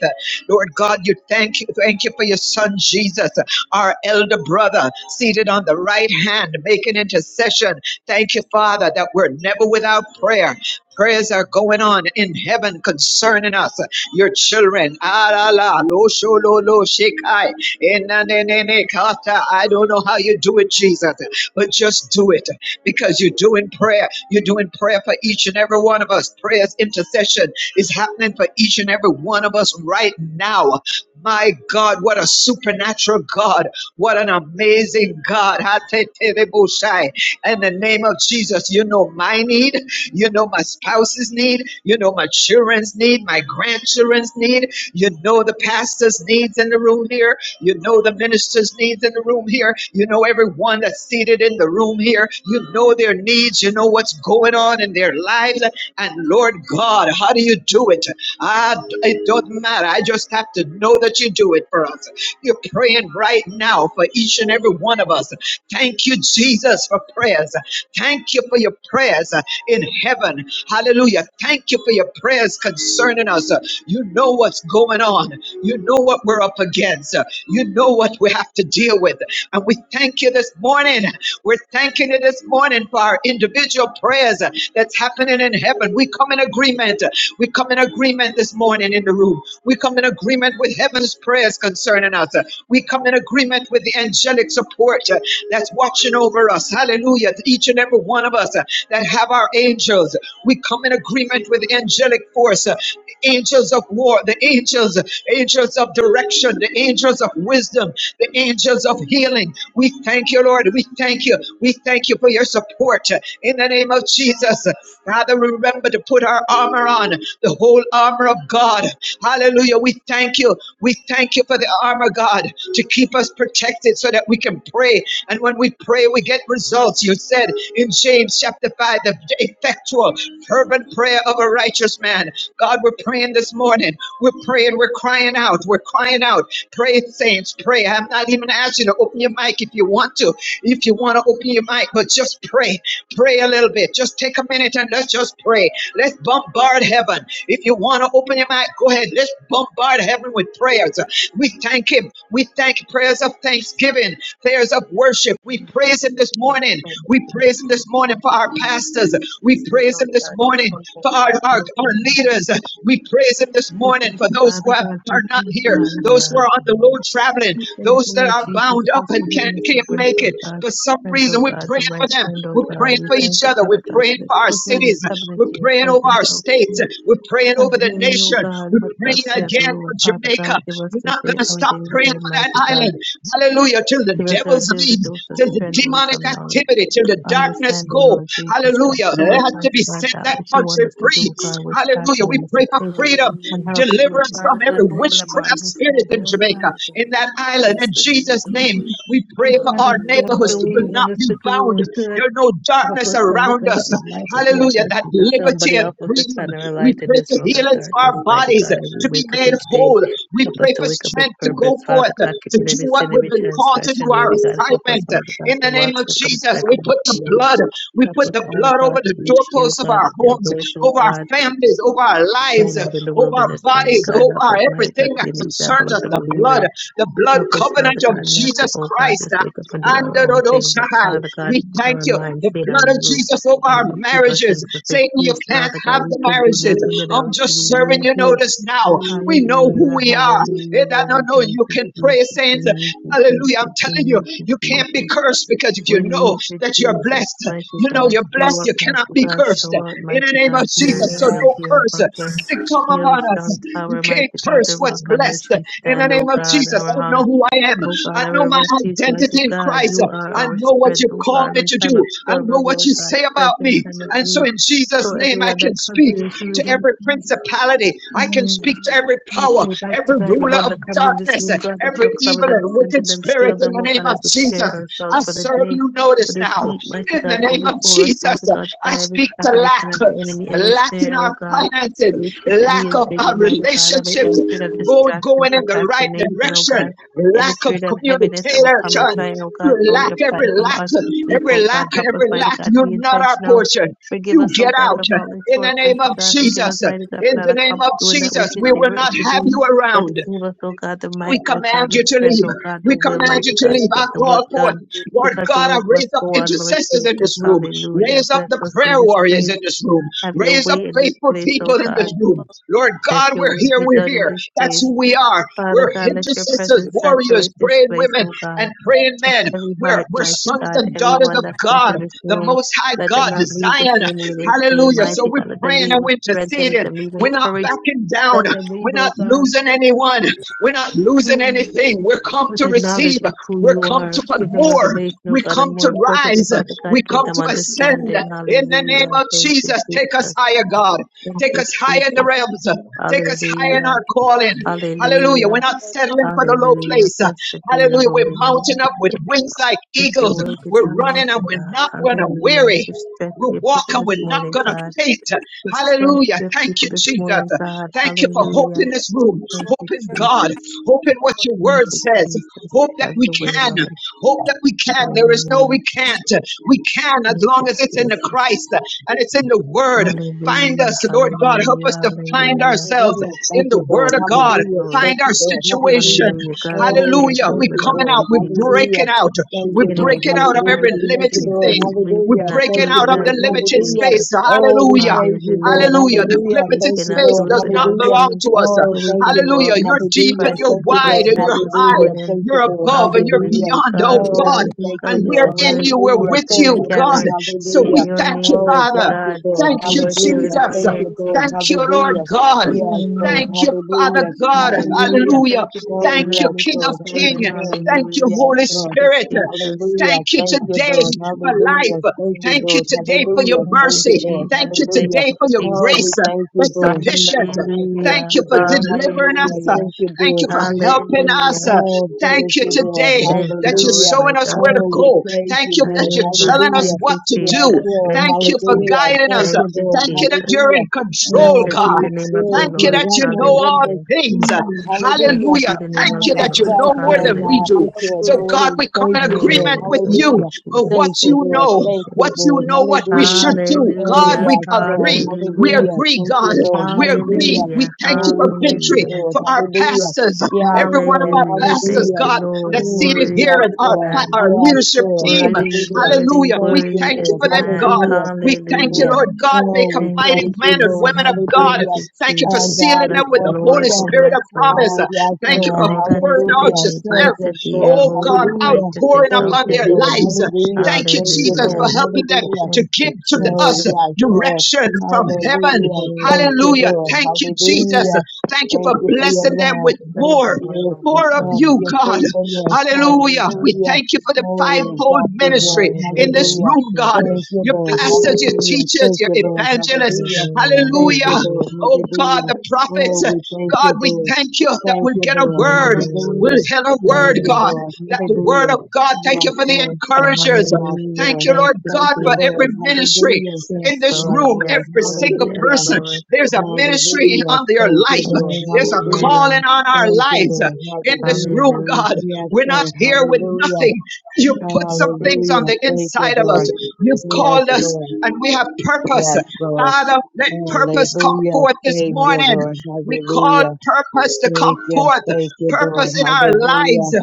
Speaker 4: Lord God, you thank you, thank you for your son Jesus, our elder brother, seated on the right hand, making intercession. Thank you, Father, that we're never without prayer. Prayers are going on in heaven concerning us, your children. Ah la la, lo sho lo lo shekai. Eh, na, ne, ne, ne, kata. I don't know how you do it, Jesus, but just do it because you're doing prayer. You're doing prayer for each and every one of us. Prayers, intercession is happening for each and every one of us right now. My God, what a supernatural God. What an amazing God. Ha-te-te-re-bo-shai. In the name of Jesus, you know my need. You know my spouse's need. You know my children's need, my grandchildren's need. You know the pastor's needs in the room here. You know the minister's needs in the room here. You know everyone that's seated in the room here. You know their needs. You know what's going on in their lives. And Lord God, how do you do it? Ah, it doesn't matter. I just have to know that you do it for us. You're praying right now for each and every one of us. Thank you, Jesus, for prayers. Thank you for your prayers in heaven. Hallelujah. Thank you for your prayers concerning us. You know what's going on. You know what we're up against. You know what we have to deal with. And we thank you this morning. We're thanking you this morning for our individual prayers that's happening in heaven. We come in agreement. We come in agreement this morning in the room. We come in agreement with heaven's prayers concerning us. We come in agreement with the angelic support uh, that's watching over us. Hallelujah. To each and every one of us uh, that have our angels. We come in agreement with angelic force. uh, angels of war, the angels, angels of direction, the angels of wisdom, the angels of healing. We thank you, Lord. We thank you. We thank you for your support in the name of Jesus. Father, we remember to put our armor on, the whole armor of God. Hallelujah. We thank you. We thank you for the armor, God, to keep us protected so that we can pray. And when we pray, we get results. You said in James chapter 5, the effectual, fervent prayer of a righteous man God, we're praying this morning. We're praying. We're crying out. We're crying out. Pray, saints. Pray. I'm not even asking you to open your mic if you want to. If you want to open your mic, but just pray. Pray a little bit. Just take a minute and let's just pray. Let's bombard heaven. If you want to open your mic, go ahead. Let's bombard heaven with prayers. We thank Him. We thank prayers of thanksgiving prayers of worship. We praise Him this
Speaker 5: We
Speaker 4: morning.
Speaker 5: thank
Speaker 4: We praise Him this morning for our pastors. We praise Him this morning for our, our, our leaders. We praise Him this morning for
Speaker 5: you,
Speaker 4: those who
Speaker 5: Father
Speaker 4: have,
Speaker 5: God, for
Speaker 4: are not
Speaker 5: being
Speaker 4: here,
Speaker 5: God
Speaker 4: those
Speaker 5: our
Speaker 4: who
Speaker 5: life.
Speaker 4: are on the road traveling,
Speaker 5: We thank you,
Speaker 4: those that
Speaker 5: Lord
Speaker 4: are
Speaker 5: Jesus,
Speaker 4: bound up
Speaker 5: first for
Speaker 4: and
Speaker 5: giving
Speaker 4: can't,
Speaker 5: us the
Speaker 4: can't
Speaker 5: breath,
Speaker 4: make
Speaker 5: oh
Speaker 4: it
Speaker 5: God,
Speaker 4: for some
Speaker 5: and oh
Speaker 4: reason. We're
Speaker 5: God, the
Speaker 4: praying for
Speaker 5: right
Speaker 4: them.
Speaker 5: mind, oh
Speaker 4: We're
Speaker 5: God.
Speaker 4: praying
Speaker 5: We
Speaker 4: for
Speaker 5: thank
Speaker 4: each
Speaker 5: you,
Speaker 4: other. We're
Speaker 5: Father God, for
Speaker 4: praying
Speaker 5: this
Speaker 4: for our
Speaker 5: privilege of
Speaker 4: cities.
Speaker 5: coming
Speaker 4: We're
Speaker 5: into your
Speaker 4: praying over
Speaker 5: presence,
Speaker 4: our
Speaker 5: oh
Speaker 4: states. We're praying
Speaker 5: of
Speaker 4: over the
Speaker 5: hearing, O
Speaker 4: nation.
Speaker 5: God, what
Speaker 4: We're
Speaker 5: thus
Speaker 4: praying
Speaker 5: saith the
Speaker 4: again
Speaker 5: Lord.
Speaker 4: for
Speaker 5: Father God,
Speaker 4: Jamaica.
Speaker 5: give us
Speaker 4: We're
Speaker 5: this
Speaker 4: not going
Speaker 5: day
Speaker 4: to
Speaker 5: our
Speaker 4: stop
Speaker 5: daily
Speaker 4: praying
Speaker 5: bread,
Speaker 4: for that
Speaker 5: mighty God.
Speaker 4: island. Hallelujah. Till the
Speaker 5: Give us our
Speaker 4: devils
Speaker 5: daily
Speaker 4: leave,
Speaker 5: dose of
Speaker 4: till the
Speaker 5: strength,
Speaker 4: demonic
Speaker 5: wisdom, knowledge.
Speaker 4: activity, till the darkness
Speaker 5: understanding,
Speaker 4: go.
Speaker 5: Lord Jesus Christ.
Speaker 4: Hallelujah.
Speaker 5: Show
Speaker 4: There
Speaker 5: us,
Speaker 4: has to
Speaker 5: mighty
Speaker 4: be
Speaker 5: God,
Speaker 4: set
Speaker 5: that
Speaker 4: that
Speaker 5: which you
Speaker 4: country
Speaker 5: want us to
Speaker 4: free.
Speaker 5: do, God, which path
Speaker 4: Hallelujah.
Speaker 5: you
Speaker 4: We
Speaker 5: want us to
Speaker 4: pray for
Speaker 5: take,
Speaker 4: freedom,
Speaker 5: and
Speaker 6: Hallelujah.
Speaker 5: how to do it.
Speaker 4: deliverance from
Speaker 5: Father
Speaker 6: Lord, we
Speaker 4: every
Speaker 5: God, open
Speaker 6: thank
Speaker 5: up
Speaker 6: you.
Speaker 5: our
Speaker 4: witchcraft spirit in
Speaker 5: understanding, oh God.
Speaker 4: Jamaica,
Speaker 6: Hallelujah,
Speaker 4: in
Speaker 6: God.
Speaker 4: that island.
Speaker 6: Bless
Speaker 4: In
Speaker 6: the name of
Speaker 4: Jesus'
Speaker 6: the
Speaker 4: name,
Speaker 6: Lord.
Speaker 4: we
Speaker 5: Oh
Speaker 4: pray for
Speaker 5: God,
Speaker 4: our
Speaker 5: and show
Speaker 6: Hallelujah,
Speaker 5: us
Speaker 4: neighborhoods
Speaker 5: the
Speaker 4: that
Speaker 5: way you
Speaker 4: will
Speaker 6: hallelujah.
Speaker 5: want
Speaker 4: not
Speaker 5: us
Speaker 4: be
Speaker 5: to do,
Speaker 4: bound.
Speaker 5: Lord God.
Speaker 4: There are no
Speaker 5: Help
Speaker 4: darkness
Speaker 5: us, Father
Speaker 4: around
Speaker 5: God, that
Speaker 4: us.
Speaker 5: our life would be a
Speaker 4: Hallelujah. That
Speaker 5: blessing to
Speaker 4: liberty
Speaker 5: somebody.
Speaker 4: and
Speaker 5: Help us to
Speaker 4: freedom.
Speaker 5: shine our
Speaker 4: We
Speaker 5: light in
Speaker 4: pray
Speaker 5: this
Speaker 4: for
Speaker 5: world of
Speaker 4: healing for
Speaker 5: darkness,
Speaker 4: our
Speaker 5: mighty
Speaker 4: bodies
Speaker 5: God, and we
Speaker 4: to be
Speaker 5: wake up
Speaker 4: made
Speaker 5: each day.
Speaker 4: whole. We pray
Speaker 5: Help us
Speaker 4: pray
Speaker 5: to
Speaker 4: for
Speaker 5: wake up with
Speaker 4: strength to
Speaker 5: purpose,
Speaker 4: go forth,
Speaker 5: Father
Speaker 4: uh,
Speaker 5: God.
Speaker 4: to
Speaker 5: Forgive
Speaker 4: do
Speaker 5: every
Speaker 4: what
Speaker 5: sin,
Speaker 4: we've
Speaker 5: every
Speaker 4: been called to do,
Speaker 5: transgression,
Speaker 4: our
Speaker 5: mighty God. Help us,
Speaker 4: assignment. uh,
Speaker 5: mighty God,
Speaker 4: In
Speaker 5: to
Speaker 4: the
Speaker 5: walk
Speaker 4: name of Jesus, we put the
Speaker 5: circumspectly.
Speaker 4: blood, we
Speaker 5: Help us,
Speaker 4: put the
Speaker 5: Father
Speaker 4: blood
Speaker 5: God,
Speaker 4: over the
Speaker 5: to be shield,
Speaker 4: doorposts of
Speaker 5: God,
Speaker 4: our
Speaker 5: that their
Speaker 4: homes,
Speaker 5: voice, oh
Speaker 4: over our
Speaker 5: God,
Speaker 4: families, over our
Speaker 5: crying
Speaker 4: lives, uh,
Speaker 5: out in the
Speaker 4: over our
Speaker 5: wilderness, mighty
Speaker 4: bodies,
Speaker 5: God.
Speaker 4: over
Speaker 5: Help
Speaker 4: our
Speaker 5: us, mighty God,
Speaker 4: everything
Speaker 5: to
Speaker 4: that
Speaker 5: be an example
Speaker 4: concerns
Speaker 5: of
Speaker 4: us.
Speaker 5: the
Speaker 4: The blood,
Speaker 5: believers.
Speaker 4: the blood
Speaker 5: Help us,
Speaker 4: covenant
Speaker 5: Father
Speaker 4: of
Speaker 5: God, not to,
Speaker 4: Jesus
Speaker 5: oh God,
Speaker 4: Christ.
Speaker 5: just
Speaker 4: uh,
Speaker 5: wake up and do
Speaker 4: and
Speaker 5: our
Speaker 4: the
Speaker 5: own
Speaker 4: Lord of
Speaker 5: thing, but
Speaker 4: Shaddai.
Speaker 5: Father God,
Speaker 4: We
Speaker 5: to keep
Speaker 4: thank
Speaker 5: our
Speaker 4: you. The
Speaker 5: minds set
Speaker 4: blood of
Speaker 5: on you.
Speaker 4: Jesus over
Speaker 5: And you
Speaker 4: our
Speaker 5: keep us in
Speaker 4: marriages.
Speaker 5: perfect
Speaker 4: Satan, you
Speaker 5: peace,
Speaker 4: can't
Speaker 5: Father God.
Speaker 4: have
Speaker 5: We
Speaker 4: the
Speaker 5: can do
Speaker 4: marriages.
Speaker 5: nothing
Speaker 4: I'm
Speaker 5: without you. We
Speaker 4: just serving
Speaker 5: need
Speaker 4: you
Speaker 5: you.
Speaker 4: notice now. We know who
Speaker 5: Hallelujah,
Speaker 4: we are.
Speaker 5: hallelujah,
Speaker 4: They that
Speaker 5: Lord.
Speaker 4: don't
Speaker 5: We
Speaker 4: know
Speaker 5: need
Speaker 4: you
Speaker 5: you,
Speaker 4: can pray,
Speaker 5: Jesus. We
Speaker 4: saints.
Speaker 5: need you,
Speaker 4: Hallelujah. I'm
Speaker 5: Jesus. We
Speaker 4: telling you,
Speaker 5: need you,
Speaker 4: you can't be
Speaker 5: Jesus.
Speaker 4: cursed because if you
Speaker 5: We
Speaker 4: know
Speaker 5: need the
Speaker 4: that you're
Speaker 5: Jesus,
Speaker 4: blessed,
Speaker 5: mighty
Speaker 4: you
Speaker 5: God.
Speaker 4: know you're
Speaker 5: Show
Speaker 4: blessed,
Speaker 5: up,
Speaker 4: you cannot
Speaker 5: mighty
Speaker 4: be
Speaker 5: God.
Speaker 4: cursed.
Speaker 5: Show up,
Speaker 4: In the
Speaker 5: mighty
Speaker 4: name
Speaker 5: God.
Speaker 4: of
Speaker 5: Be our
Speaker 4: Jesus, so
Speaker 7: Hallelujah.
Speaker 5: shield,
Speaker 4: no
Speaker 5: be our
Speaker 4: curse
Speaker 5: buckler,
Speaker 4: can come
Speaker 5: be our
Speaker 4: upon
Speaker 5: strong
Speaker 4: us. You
Speaker 5: tower,
Speaker 4: can't
Speaker 5: mighty God.
Speaker 4: curse
Speaker 5: The rock
Speaker 4: what's
Speaker 5: on which
Speaker 4: blessed.
Speaker 5: we
Speaker 4: In the
Speaker 5: stand, O
Speaker 4: name of
Speaker 5: God.
Speaker 4: Jesus,
Speaker 5: Our
Speaker 4: I know
Speaker 5: hung,
Speaker 4: who I am.
Speaker 5: O God,
Speaker 4: I know
Speaker 5: our
Speaker 4: my
Speaker 5: refuge,
Speaker 4: identity
Speaker 5: mighty
Speaker 4: in
Speaker 5: God.
Speaker 4: Christ.
Speaker 5: You are
Speaker 4: I
Speaker 5: our
Speaker 4: know what
Speaker 5: strength,
Speaker 4: you've
Speaker 5: O
Speaker 4: called
Speaker 5: God.
Speaker 4: me
Speaker 5: In
Speaker 4: to do.
Speaker 5: time of
Speaker 4: I
Speaker 5: storm,
Speaker 4: know what
Speaker 5: Lord
Speaker 4: you
Speaker 5: God,
Speaker 4: say
Speaker 5: strength
Speaker 4: about
Speaker 5: in
Speaker 4: me.
Speaker 5: time of
Speaker 4: And so
Speaker 5: need.
Speaker 4: in Jesus'
Speaker 5: So
Speaker 4: name, I
Speaker 5: everyone that
Speaker 4: can
Speaker 5: comes
Speaker 4: speak to every
Speaker 5: here,
Speaker 4: principality. I can speak to
Speaker 5: Mm.
Speaker 4: every
Speaker 5: We
Speaker 4: power,
Speaker 5: pray back to
Speaker 4: every ruler
Speaker 5: God that
Speaker 4: ruler
Speaker 5: when they
Speaker 4: of
Speaker 5: come in this
Speaker 4: darkness,
Speaker 5: room, God, that
Speaker 4: every
Speaker 5: you'll cover
Speaker 4: evil
Speaker 5: them,
Speaker 4: and wicked
Speaker 5: strengthen them,
Speaker 4: spirit
Speaker 5: shield
Speaker 4: in
Speaker 5: them,
Speaker 4: the
Speaker 5: oh
Speaker 4: name
Speaker 5: God, as
Speaker 4: of
Speaker 5: we
Speaker 4: Jesus.
Speaker 5: prepare
Speaker 4: I
Speaker 5: ourselves for the
Speaker 4: serve
Speaker 5: day.
Speaker 4: you
Speaker 5: For
Speaker 4: notice
Speaker 5: this
Speaker 4: now.
Speaker 5: week, mighty
Speaker 4: In the
Speaker 5: God, go
Speaker 4: name of
Speaker 5: before us,
Speaker 4: Jesus,
Speaker 5: mighty God,
Speaker 4: I
Speaker 5: fire every
Speaker 4: speak
Speaker 5: trap,
Speaker 4: to
Speaker 5: every
Speaker 4: lack,
Speaker 5: kind of the enemy, every
Speaker 4: lack in
Speaker 5: snare, oh
Speaker 4: our
Speaker 5: God. Every
Speaker 4: finances,
Speaker 5: pit that he
Speaker 4: lack
Speaker 5: is
Speaker 4: of our
Speaker 5: digging, mighty God, every,
Speaker 4: relationships,
Speaker 5: every spirit of
Speaker 4: go,
Speaker 5: distraction,
Speaker 4: going in the right
Speaker 5: procrastination, oh
Speaker 4: direction,
Speaker 5: God. Every
Speaker 4: lack of
Speaker 5: spirit of heaviness that will come and
Speaker 4: communication,
Speaker 5: try, oh God, throw
Speaker 4: lack,
Speaker 5: your
Speaker 4: every
Speaker 5: plan from
Speaker 4: lack,
Speaker 5: us this week,
Speaker 4: every
Speaker 5: oh
Speaker 4: lack,
Speaker 5: God. Help us,
Speaker 4: every
Speaker 5: mighty
Speaker 4: lack.
Speaker 5: God, to
Speaker 4: You're
Speaker 5: be
Speaker 4: not our
Speaker 5: intentional
Speaker 4: portion.
Speaker 5: Forgive
Speaker 4: You
Speaker 5: us, O
Speaker 4: get
Speaker 5: God,
Speaker 4: out
Speaker 5: for falling
Speaker 4: in the
Speaker 5: short,
Speaker 4: name
Speaker 5: mighty
Speaker 4: of
Speaker 5: God. Forgive us,
Speaker 4: Jesus.
Speaker 5: mighty God, for
Speaker 4: In
Speaker 5: not
Speaker 4: the name of
Speaker 5: accomplishing that which
Speaker 4: Jesus,
Speaker 5: you
Speaker 4: we
Speaker 5: say
Speaker 4: will
Speaker 5: we are
Speaker 4: not
Speaker 5: to
Speaker 4: have
Speaker 5: do.
Speaker 4: you
Speaker 5: But
Speaker 4: around.
Speaker 5: give us, O God, the
Speaker 4: We
Speaker 5: might, O
Speaker 4: command
Speaker 5: God, the
Speaker 4: you to
Speaker 5: strength,
Speaker 4: leave.
Speaker 5: O God, the
Speaker 4: We
Speaker 5: will,
Speaker 4: command
Speaker 5: mighty
Speaker 4: you to
Speaker 5: God, to
Speaker 4: leave. I
Speaker 5: get the work
Speaker 4: call forth,
Speaker 5: done.
Speaker 4: Lord
Speaker 5: Because the
Speaker 4: God, I
Speaker 5: work must
Speaker 4: raise up
Speaker 5: go on, Lord
Speaker 4: intercessors in
Speaker 5: Jesus.
Speaker 4: this room.
Speaker 5: Hallelujah.
Speaker 4: Raise up
Speaker 5: Bless
Speaker 4: the
Speaker 5: us in
Speaker 4: prayer
Speaker 5: this
Speaker 4: warriors
Speaker 5: place.
Speaker 4: in this room.
Speaker 5: Have your
Speaker 4: Raise up
Speaker 5: way in this
Speaker 4: faithful
Speaker 5: place, O
Speaker 4: people in
Speaker 5: God.
Speaker 4: this room. Lord
Speaker 5: Let
Speaker 4: God,
Speaker 5: your
Speaker 4: we're
Speaker 5: will
Speaker 4: here.
Speaker 5: be
Speaker 4: We're
Speaker 5: done in
Speaker 4: here.
Speaker 5: this
Speaker 4: That's
Speaker 5: place.
Speaker 4: who we are.
Speaker 5: Father
Speaker 4: We're
Speaker 5: God, let your
Speaker 4: intercessors,
Speaker 5: presence
Speaker 4: warriors,
Speaker 5: saturate this
Speaker 4: praying
Speaker 5: place,
Speaker 4: women,
Speaker 5: O God.
Speaker 4: and praying
Speaker 5: Touch
Speaker 4: men.
Speaker 5: every
Speaker 4: We're,
Speaker 5: heart,
Speaker 4: we're
Speaker 5: mighty
Speaker 4: sons
Speaker 5: God,
Speaker 4: and daughters
Speaker 5: everyone
Speaker 4: of
Speaker 5: that comes
Speaker 4: God,
Speaker 5: in this
Speaker 4: the
Speaker 5: room.
Speaker 4: Most High
Speaker 5: Let them
Speaker 4: God,
Speaker 5: not leave the
Speaker 4: Zion.
Speaker 5: same way they came,
Speaker 4: Hallelujah. So
Speaker 5: mighty
Speaker 4: we're
Speaker 5: God. Let them
Speaker 4: praying
Speaker 5: leave
Speaker 4: and
Speaker 5: with
Speaker 4: we're
Speaker 5: strength, let
Speaker 4: interceding.
Speaker 5: them leave with
Speaker 4: We're not
Speaker 5: courage.
Speaker 4: backing down.
Speaker 5: Let them
Speaker 4: We're
Speaker 5: leave, oh
Speaker 4: not
Speaker 5: God,
Speaker 4: losing anyone. We're not losing
Speaker 5: mm,
Speaker 4: anything. We're come
Speaker 5: with
Speaker 4: to
Speaker 5: the
Speaker 4: receive.
Speaker 5: knowledge of who
Speaker 4: We're
Speaker 5: you
Speaker 4: come
Speaker 5: are.
Speaker 4: to put
Speaker 5: Give them
Speaker 4: more.
Speaker 5: revelation, oh
Speaker 4: We
Speaker 5: God,
Speaker 4: come
Speaker 5: and more
Speaker 4: to
Speaker 5: importantly,
Speaker 4: rise.
Speaker 5: Father God,
Speaker 4: We
Speaker 5: give
Speaker 4: come
Speaker 5: them
Speaker 4: to ascend.
Speaker 5: understanding.
Speaker 4: In the name
Speaker 5: Hallelujah.
Speaker 4: of
Speaker 5: Thank you,
Speaker 4: Jesus, take us
Speaker 5: Jesus.
Speaker 4: higher, God.
Speaker 5: Thank
Speaker 7: Praise
Speaker 4: Take
Speaker 5: you,
Speaker 4: us higher in the
Speaker 5: Jesus.
Speaker 4: realms. Take us higher in
Speaker 5: Hallelujah.
Speaker 4: our calling.
Speaker 7: God, you
Speaker 4: Hallelujah. We're
Speaker 5: Hallelujah.
Speaker 7: are
Speaker 4: not
Speaker 7: Lord,
Speaker 4: settling for the low
Speaker 5: Hallelujah.
Speaker 4: place.
Speaker 5: Blessed be your
Speaker 4: Hallelujah. We're
Speaker 5: holy
Speaker 4: mounting
Speaker 5: name.
Speaker 4: up with wings like
Speaker 5: Let
Speaker 7: you
Speaker 5: your
Speaker 4: eagles.
Speaker 7: are
Speaker 5: will be
Speaker 7: mighty
Speaker 4: We're
Speaker 5: done,
Speaker 7: God.
Speaker 4: running
Speaker 5: mighty
Speaker 4: and we're
Speaker 5: God.
Speaker 4: not going to
Speaker 5: Hallelujah.
Speaker 4: weary.
Speaker 5: Give strength to
Speaker 4: We're
Speaker 5: your people
Speaker 4: walking.
Speaker 5: this
Speaker 4: We're not
Speaker 5: morning,
Speaker 4: going to
Speaker 7: Hallelujah.
Speaker 5: God.
Speaker 4: faint.
Speaker 5: Give strength
Speaker 4: Hallelujah.
Speaker 5: to your
Speaker 4: Thank
Speaker 5: people
Speaker 4: you,
Speaker 5: this
Speaker 4: Jesus.
Speaker 5: morning, God.
Speaker 4: Thank you for
Speaker 7: Hallelujah.
Speaker 4: hope
Speaker 5: Hallelujah.
Speaker 4: in this room.
Speaker 7: You
Speaker 5: Thank you,
Speaker 4: Hope in
Speaker 7: are
Speaker 5: Jesus.
Speaker 4: God. Hope in what
Speaker 7: the Lord.
Speaker 4: your
Speaker 5: Thank
Speaker 4: word
Speaker 5: you,
Speaker 4: says.
Speaker 5: Jesus.
Speaker 4: Hope that
Speaker 5: Have
Speaker 4: we
Speaker 5: the way,
Speaker 4: can.
Speaker 5: Lord.
Speaker 4: Hope that we can. There is no
Speaker 5: Hallelujah.
Speaker 4: we can't. We can as
Speaker 5: Thank you,
Speaker 4: long as it's in the
Speaker 5: Jesus.
Speaker 4: Christ and it's in the word. Find
Speaker 5: Hallelujah.
Speaker 4: us, Lord God. Help us
Speaker 5: Hallelujah.
Speaker 4: to find
Speaker 5: Hallelujah.
Speaker 4: ourselves
Speaker 3: hallelujah.
Speaker 4: in
Speaker 3: Thank you,
Speaker 4: the word
Speaker 3: Lord.
Speaker 4: of
Speaker 5: Yes,
Speaker 4: God.
Speaker 3: Hallelujah.
Speaker 5: Lord.
Speaker 3: Thank
Speaker 4: Find our
Speaker 3: you, Lord. Hallelujah.
Speaker 4: situation.
Speaker 5: Hallelujah. God, we
Speaker 3: Oh, we
Speaker 5: cannot
Speaker 4: Hallelujah.
Speaker 5: do
Speaker 3: bless
Speaker 5: it
Speaker 4: We're
Speaker 3: you,
Speaker 5: without
Speaker 4: coming out.
Speaker 5: you,
Speaker 3: Lord.
Speaker 4: We're
Speaker 5: Jesus.
Speaker 3: Hallelujah.
Speaker 4: breaking out.
Speaker 5: We
Speaker 3: Thank
Speaker 4: We're
Speaker 3: you,
Speaker 5: cannot
Speaker 3: Lord.
Speaker 4: breaking
Speaker 5: do it
Speaker 4: out of
Speaker 5: without
Speaker 4: every
Speaker 3: Hallelujah.
Speaker 5: you,
Speaker 3: Thank you,
Speaker 4: limited
Speaker 3: Lord.
Speaker 5: Jesus.
Speaker 4: thing.
Speaker 5: We
Speaker 4: We are
Speaker 3: Hallelujah.
Speaker 5: cannot do
Speaker 4: breaking
Speaker 3: Thank
Speaker 5: it
Speaker 3: you,
Speaker 4: out of the
Speaker 5: without
Speaker 3: Lord.
Speaker 5: you,
Speaker 4: limited
Speaker 3: Hallelujah.
Speaker 5: Jesus.
Speaker 4: space.
Speaker 3: Oh, we
Speaker 4: Hallelujah.
Speaker 3: praise you,
Speaker 5: Hallelujah,
Speaker 3: Lord.
Speaker 4: Hallelujah. The
Speaker 5: Jesus.
Speaker 3: Hallelujah.
Speaker 5: We
Speaker 4: limited
Speaker 3: Thank you,
Speaker 5: cannot
Speaker 4: space
Speaker 5: do
Speaker 3: Lord.
Speaker 5: it
Speaker 4: does not
Speaker 5: without
Speaker 3: Hallelujah.
Speaker 4: belong
Speaker 5: you,
Speaker 4: to us.
Speaker 3: Oh,
Speaker 5: but we
Speaker 3: thank
Speaker 5: can
Speaker 3: you,
Speaker 5: do all
Speaker 4: Hallelujah.
Speaker 3: Lord.
Speaker 4: You're
Speaker 5: things through
Speaker 4: deep and
Speaker 3: Hallelujah.
Speaker 5: Christ
Speaker 4: you're
Speaker 5: who
Speaker 3: Thank you,
Speaker 5: give us
Speaker 4: wide
Speaker 3: Lord.
Speaker 4: and
Speaker 5: strength
Speaker 4: you're
Speaker 5: this
Speaker 4: high.
Speaker 3: Hallelujah.
Speaker 5: morning.
Speaker 3: Thank
Speaker 4: You're
Speaker 3: you, Lord.
Speaker 4: above and you're
Speaker 3: Hallelujah.
Speaker 5: Hallelujah,
Speaker 4: beyond,
Speaker 5: God.
Speaker 4: oh
Speaker 3: Oh,
Speaker 5: Without
Speaker 4: God.
Speaker 3: we
Speaker 5: you,
Speaker 3: thank
Speaker 5: God,
Speaker 3: you,
Speaker 4: And
Speaker 5: you
Speaker 4: we're
Speaker 5: said
Speaker 3: Lord.
Speaker 5: where
Speaker 4: in
Speaker 5: there's
Speaker 4: you.
Speaker 5: two
Speaker 4: We're
Speaker 3: Hallelujah.
Speaker 5: or
Speaker 4: with
Speaker 5: three
Speaker 3: Thank
Speaker 5: are
Speaker 4: you,
Speaker 3: you,
Speaker 4: God.
Speaker 3: Lord.
Speaker 5: gathered
Speaker 4: So
Speaker 5: in
Speaker 4: we
Speaker 3: Hallelujah.
Speaker 5: your
Speaker 4: thank you,
Speaker 5: name,
Speaker 3: Oh,
Speaker 5: mighty
Speaker 4: Father.
Speaker 3: thank you,
Speaker 5: God.
Speaker 3: Lord.
Speaker 4: Thank
Speaker 5: You
Speaker 4: you,
Speaker 5: are there in
Speaker 3: Hallelujah.
Speaker 5: our
Speaker 4: Jesus.
Speaker 3: Thank you,
Speaker 5: midst.
Speaker 3: Lord.
Speaker 4: Thank you, Lord
Speaker 3: Hallelujah.
Speaker 4: God.
Speaker 3: Yes, Lord.
Speaker 4: Thank
Speaker 5: Hallelujah.
Speaker 4: you, Father
Speaker 3: Hallelujah.
Speaker 4: God.
Speaker 3: Hallelujah.
Speaker 5: Hallelujah.
Speaker 4: Hallelujah.
Speaker 5: Thank you for being
Speaker 3: Oh,
Speaker 4: Thank
Speaker 5: in our
Speaker 4: you,
Speaker 3: yes,
Speaker 5: midst
Speaker 4: King of
Speaker 5: this
Speaker 3: Lord.
Speaker 5: morning.
Speaker 4: Kings.
Speaker 3: Amen.
Speaker 4: Thank you,
Speaker 5: Hallelujah.
Speaker 3: Yes,
Speaker 4: Holy
Speaker 5: Thank
Speaker 3: Lord.
Speaker 5: you,
Speaker 4: Spirit.
Speaker 5: Jesus.
Speaker 3: Hallelujah.
Speaker 4: Thank you
Speaker 3: Thank you,
Speaker 4: today
Speaker 3: Lord.
Speaker 4: for
Speaker 5: Hallelujah.
Speaker 3: Hallelujah.
Speaker 4: life.
Speaker 3: Thank
Speaker 5: Thank
Speaker 3: you,
Speaker 5: you,
Speaker 4: Thank you
Speaker 3: Lord.
Speaker 4: today
Speaker 5: Jesus.
Speaker 4: for your
Speaker 3: Hallelujah.
Speaker 5: Thank
Speaker 3: Thank
Speaker 5: you,
Speaker 3: you,
Speaker 4: mercy.
Speaker 3: Lord.
Speaker 4: Thank
Speaker 5: Jesus.
Speaker 4: you
Speaker 5: Thank
Speaker 3: Hallelujah.
Speaker 4: today
Speaker 5: you,
Speaker 4: for your
Speaker 3: Oh,
Speaker 5: Jesus.
Speaker 3: we
Speaker 4: grace
Speaker 3: thank you,
Speaker 4: that's
Speaker 3: Lord.
Speaker 4: sufficient.
Speaker 3: Oh, thank
Speaker 4: Thank
Speaker 5: Hallelujah.
Speaker 4: you
Speaker 3: you,
Speaker 4: for
Speaker 3: Lord.
Speaker 4: delivering us.
Speaker 3: Hallelujah.
Speaker 5: Hallelujah.
Speaker 3: Thank you,
Speaker 4: Thank you
Speaker 3: Lord.
Speaker 4: for helping
Speaker 3: Hallelujah.
Speaker 4: us.
Speaker 5: Hallelujah.
Speaker 3: Oh,
Speaker 4: Thank
Speaker 3: thank
Speaker 4: you
Speaker 3: you, Lord.
Speaker 4: today
Speaker 5: Thank you,
Speaker 4: that you're
Speaker 5: Lord,
Speaker 3: Hallelujah.
Speaker 5: my
Speaker 4: showing us
Speaker 5: God.
Speaker 4: where to
Speaker 3: Oh, we
Speaker 4: go.
Speaker 3: praise
Speaker 4: Thank
Speaker 3: you,
Speaker 4: you
Speaker 5: I
Speaker 4: that
Speaker 3: Lord.
Speaker 4: you're
Speaker 5: raise my
Speaker 4: telling us
Speaker 3: Hallelujah.
Speaker 5: thank
Speaker 4: what
Speaker 5: you,
Speaker 4: to
Speaker 3: Yes,
Speaker 4: do.
Speaker 5: Jesus.
Speaker 3: Lord.
Speaker 5: Thank
Speaker 4: Thank
Speaker 5: you,
Speaker 4: you for
Speaker 3: Hallelujah.
Speaker 5: Jesus.
Speaker 4: guiding us.
Speaker 3: Thank
Speaker 5: Thank
Speaker 3: you,
Speaker 5: you,
Speaker 3: Lord.
Speaker 4: Thank you that
Speaker 5: Jesus.
Speaker 4: you're
Speaker 3: Hallelujah.
Speaker 4: in control,
Speaker 3: Oh,
Speaker 5: Blessed be
Speaker 4: God.
Speaker 5: the
Speaker 3: Holy
Speaker 5: name of the
Speaker 3: Spirit,
Speaker 4: Thank you
Speaker 3: you are
Speaker 5: Lord.
Speaker 4: that you know
Speaker 3: welcome in
Speaker 4: all
Speaker 3: this
Speaker 5: Hallelujah.
Speaker 4: things.
Speaker 3: room. Hallelujah.
Speaker 5: Blessed be
Speaker 4: Hallelujah.
Speaker 5: the name
Speaker 4: Thank
Speaker 3: Give
Speaker 5: of
Speaker 3: us
Speaker 4: you
Speaker 5: the
Speaker 3: a
Speaker 7: I
Speaker 4: that
Speaker 7: thank
Speaker 4: you
Speaker 7: you.
Speaker 5: Lord.
Speaker 3: fresh,
Speaker 4: know more
Speaker 3: Lord
Speaker 4: than we
Speaker 5: Hallelujah.
Speaker 3: God,
Speaker 4: do.
Speaker 3: with your
Speaker 4: So,
Speaker 7: Hallelujah.
Speaker 4: God,
Speaker 3: anointing.
Speaker 4: we come
Speaker 3: Thank
Speaker 4: in
Speaker 3: you, Lord.
Speaker 4: agreement
Speaker 5: Hallelujah.
Speaker 4: with
Speaker 5: Thank
Speaker 4: you
Speaker 5: you,
Speaker 3: Hallelujah.
Speaker 4: of
Speaker 5: Jesus.
Speaker 4: what
Speaker 3: Thank you,
Speaker 5: Thank
Speaker 4: you
Speaker 5: you,
Speaker 3: Lord.
Speaker 4: know,
Speaker 3: Thank
Speaker 5: Jesus.
Speaker 3: you,
Speaker 4: what you
Speaker 3: Lord.
Speaker 4: know, what we
Speaker 3: Hallelujah.
Speaker 4: should do.
Speaker 3: Oh,
Speaker 4: God,
Speaker 5: Hallelujah.
Speaker 4: we
Speaker 3: yes, Lord.
Speaker 4: agree. We
Speaker 5: Hallelujah.
Speaker 3: Hallelujah.
Speaker 4: agree,
Speaker 3: Thank
Speaker 4: God.
Speaker 3: you, Lord.
Speaker 4: We agree.
Speaker 3: Hallelujah.
Speaker 4: We
Speaker 5: Hallelujah.
Speaker 4: thank you
Speaker 3: Oh, we
Speaker 4: for
Speaker 3: thank you,
Speaker 4: victory
Speaker 5: Hallelujah.
Speaker 3: Lord.
Speaker 4: for our
Speaker 3: Hallelujah.
Speaker 4: pastors,
Speaker 3: Yes,
Speaker 4: every one of
Speaker 3: Lord.
Speaker 4: our
Speaker 5: Hallelujah.
Speaker 4: pastors,
Speaker 5: Thank
Speaker 3: Hallelujah.
Speaker 5: you,
Speaker 4: God, that's
Speaker 5: Lord.
Speaker 4: seated
Speaker 3: Mm,
Speaker 5: Worthy
Speaker 4: here
Speaker 3: yes,
Speaker 4: and
Speaker 5: is the
Speaker 4: our,
Speaker 3: Lord.
Speaker 5: Lamb.
Speaker 4: our
Speaker 3: Yes,
Speaker 4: leadership team
Speaker 3: Lord.
Speaker 4: team.
Speaker 5: Worthy,
Speaker 3: Hallelujah.
Speaker 5: worthy,
Speaker 4: Hallelujah. We
Speaker 3: Thank you,
Speaker 5: worthy
Speaker 4: thank
Speaker 5: is
Speaker 4: you
Speaker 3: Lord.
Speaker 5: the
Speaker 4: for them,
Speaker 5: Lamb.
Speaker 4: God.
Speaker 3: Hallelujah.
Speaker 4: We
Speaker 3: Thank you,
Speaker 4: thank you,
Speaker 3: Lord.
Speaker 5: Hallelujah.
Speaker 4: Lord God. Make
Speaker 3: Oh,
Speaker 4: a
Speaker 3: we
Speaker 5: Thank you,
Speaker 4: mighty
Speaker 3: praise you,
Speaker 4: men and
Speaker 3: Lord.
Speaker 4: women
Speaker 5: Jesus.
Speaker 4: of
Speaker 5: Thank
Speaker 4: God.
Speaker 3: Hallelujah.
Speaker 5: you,
Speaker 4: Thank you for
Speaker 3: Our
Speaker 5: Jesus.
Speaker 3: God
Speaker 4: sealing
Speaker 5: Bless
Speaker 4: them
Speaker 3: is
Speaker 4: with
Speaker 5: the
Speaker 4: the
Speaker 3: what
Speaker 4: Holy
Speaker 5: Lord, O
Speaker 4: Spirit
Speaker 5: my
Speaker 4: of
Speaker 5: soul,
Speaker 4: promise.
Speaker 3: Oh, yes,
Speaker 4: Thank
Speaker 5: and
Speaker 4: you
Speaker 3: Lord.
Speaker 4: for
Speaker 5: all that is
Speaker 4: pouring out
Speaker 5: within
Speaker 3: Hallelujah.
Speaker 5: me.
Speaker 3: Cleanse
Speaker 4: yourself.
Speaker 3: us,
Speaker 5: Blessed be your
Speaker 3: Lord.
Speaker 4: Oh God,
Speaker 5: holy,
Speaker 3: Hallelujah.
Speaker 5: righteous,
Speaker 4: outpouring
Speaker 3: Thank
Speaker 4: upon
Speaker 3: you,
Speaker 5: exalted
Speaker 4: their
Speaker 3: Lord.
Speaker 5: name.
Speaker 4: lives.
Speaker 3: Hallelujah.
Speaker 4: Thank you,
Speaker 3: Thank you,
Speaker 4: Jesus,
Speaker 5: Hallelujah.
Speaker 4: for
Speaker 3: Lord.
Speaker 4: helping them
Speaker 3: Hallelujah.
Speaker 4: to
Speaker 5: Thank you,
Speaker 4: give to the,
Speaker 3: Oh,
Speaker 4: us
Speaker 5: Jesus.
Speaker 3: yes, Lord.
Speaker 4: direction from heaven.
Speaker 3: Hallelujah.
Speaker 5: Glory,
Speaker 3: Thank you,
Speaker 4: Hallelujah.
Speaker 3: Lord.
Speaker 5: glory.
Speaker 4: Thank you, Jesus.
Speaker 3: Hallelujah.
Speaker 4: Thank you for
Speaker 3: Thank you for your
Speaker 4: blessing them
Speaker 3: love.
Speaker 4: with
Speaker 5: Bless
Speaker 3: Thank
Speaker 5: the
Speaker 4: more.
Speaker 5: Lord,
Speaker 3: you
Speaker 5: O my
Speaker 4: More of
Speaker 3: uh,
Speaker 5: soul.
Speaker 3: for
Speaker 4: you,
Speaker 3: your
Speaker 4: God.
Speaker 3: faithfulness.
Speaker 5: Yes,
Speaker 4: Hallelujah. We
Speaker 5: God.
Speaker 3: Hallelujah.
Speaker 4: thank you for the
Speaker 3: Oh, we
Speaker 4: fivefold
Speaker 3: exalt you,
Speaker 4: ministry
Speaker 3: Lord.
Speaker 4: in this
Speaker 5: Hallelujah.
Speaker 3: Hallelujah.
Speaker 4: room, God.
Speaker 3: Thank
Speaker 5: Jesus.
Speaker 3: you,
Speaker 4: Your
Speaker 3: Lord.
Speaker 4: pastors, your
Speaker 3: Hallelujah.
Speaker 4: teachers,
Speaker 3: Thank
Speaker 4: your
Speaker 3: you, Lord. Hallelujah.
Speaker 4: evangelists.
Speaker 5: Hallelujah,
Speaker 3: Thank you,
Speaker 4: Hallelujah.
Speaker 5: hallelujah,
Speaker 3: Lord.
Speaker 4: Oh God,
Speaker 3: Hallelujah.
Speaker 4: the
Speaker 3: Oh,
Speaker 4: prophets.
Speaker 3: we thank
Speaker 4: God,
Speaker 3: you,
Speaker 4: we
Speaker 3: Lord.
Speaker 4: thank you that
Speaker 3: Thank
Speaker 4: we'll
Speaker 3: you,
Speaker 4: get a
Speaker 3: Lord.
Speaker 4: word.
Speaker 5: hallelujah,
Speaker 3: Hallelujah.
Speaker 4: We'll hear a
Speaker 3: Thank
Speaker 4: word,
Speaker 5: hallelujah,
Speaker 3: you,
Speaker 4: God.
Speaker 3: Lord.
Speaker 4: That the word
Speaker 3: Hallelujah.
Speaker 4: of God, thank
Speaker 3: Yes,
Speaker 4: you for the
Speaker 3: Lord.
Speaker 4: encouragers.
Speaker 3: Yes,
Speaker 5: hallelujah.
Speaker 4: Thank
Speaker 3: Lord.
Speaker 4: you,
Speaker 5: Thank
Speaker 4: Lord
Speaker 5: you,
Speaker 3: Thank
Speaker 4: God,
Speaker 3: you,
Speaker 4: for every
Speaker 3: Lord.
Speaker 5: Jesus.
Speaker 4: ministry
Speaker 3: Hallelujah.
Speaker 5: Yes,
Speaker 4: in this
Speaker 3: Yes,
Speaker 5: Lord,
Speaker 4: room,
Speaker 3: Lord.
Speaker 5: yes,
Speaker 4: every
Speaker 5: Lord,
Speaker 4: single
Speaker 5: yes,
Speaker 3: Hallelujah.
Speaker 4: person.
Speaker 5: Lord.
Speaker 4: There's a ministry
Speaker 3: Hallelujah.
Speaker 4: on their
Speaker 3: Thank you,
Speaker 4: life.
Speaker 3: Lord.
Speaker 4: There's a
Speaker 3: Hallelujah.
Speaker 4: calling
Speaker 5: Amen.
Speaker 4: on our
Speaker 3: Thank you,
Speaker 4: lives
Speaker 3: Lord.
Speaker 4: in this
Speaker 3: Hallelujah.
Speaker 4: room,
Speaker 5: Hallelujah.
Speaker 4: God.
Speaker 3: Yes,
Speaker 4: We're not
Speaker 3: Lord.
Speaker 4: here with
Speaker 3: Hallelujah.
Speaker 4: nothing. You put
Speaker 5: Thank
Speaker 4: some
Speaker 5: you,
Speaker 4: things on
Speaker 3: Hallelujah.
Speaker 5: Jesus.
Speaker 4: the
Speaker 3: Thank you,
Speaker 4: inside of us.
Speaker 3: Lord.
Speaker 4: You've
Speaker 3: Yes,
Speaker 4: called us
Speaker 3: Lord.
Speaker 4: and we have purpose.
Speaker 3: Yes, Lord.
Speaker 4: Father, let purpose come
Speaker 3: Hallelujah.
Speaker 4: forth this
Speaker 3: Thank you,
Speaker 4: morning.
Speaker 5: Amen.
Speaker 3: Lord.
Speaker 4: We call
Speaker 3: Hallelujah.
Speaker 4: purpose to come
Speaker 3: Thank you.
Speaker 4: forth,
Speaker 3: Thank you,
Speaker 4: purpose
Speaker 3: Lord.
Speaker 4: in our lives.
Speaker 3: Hallelujah.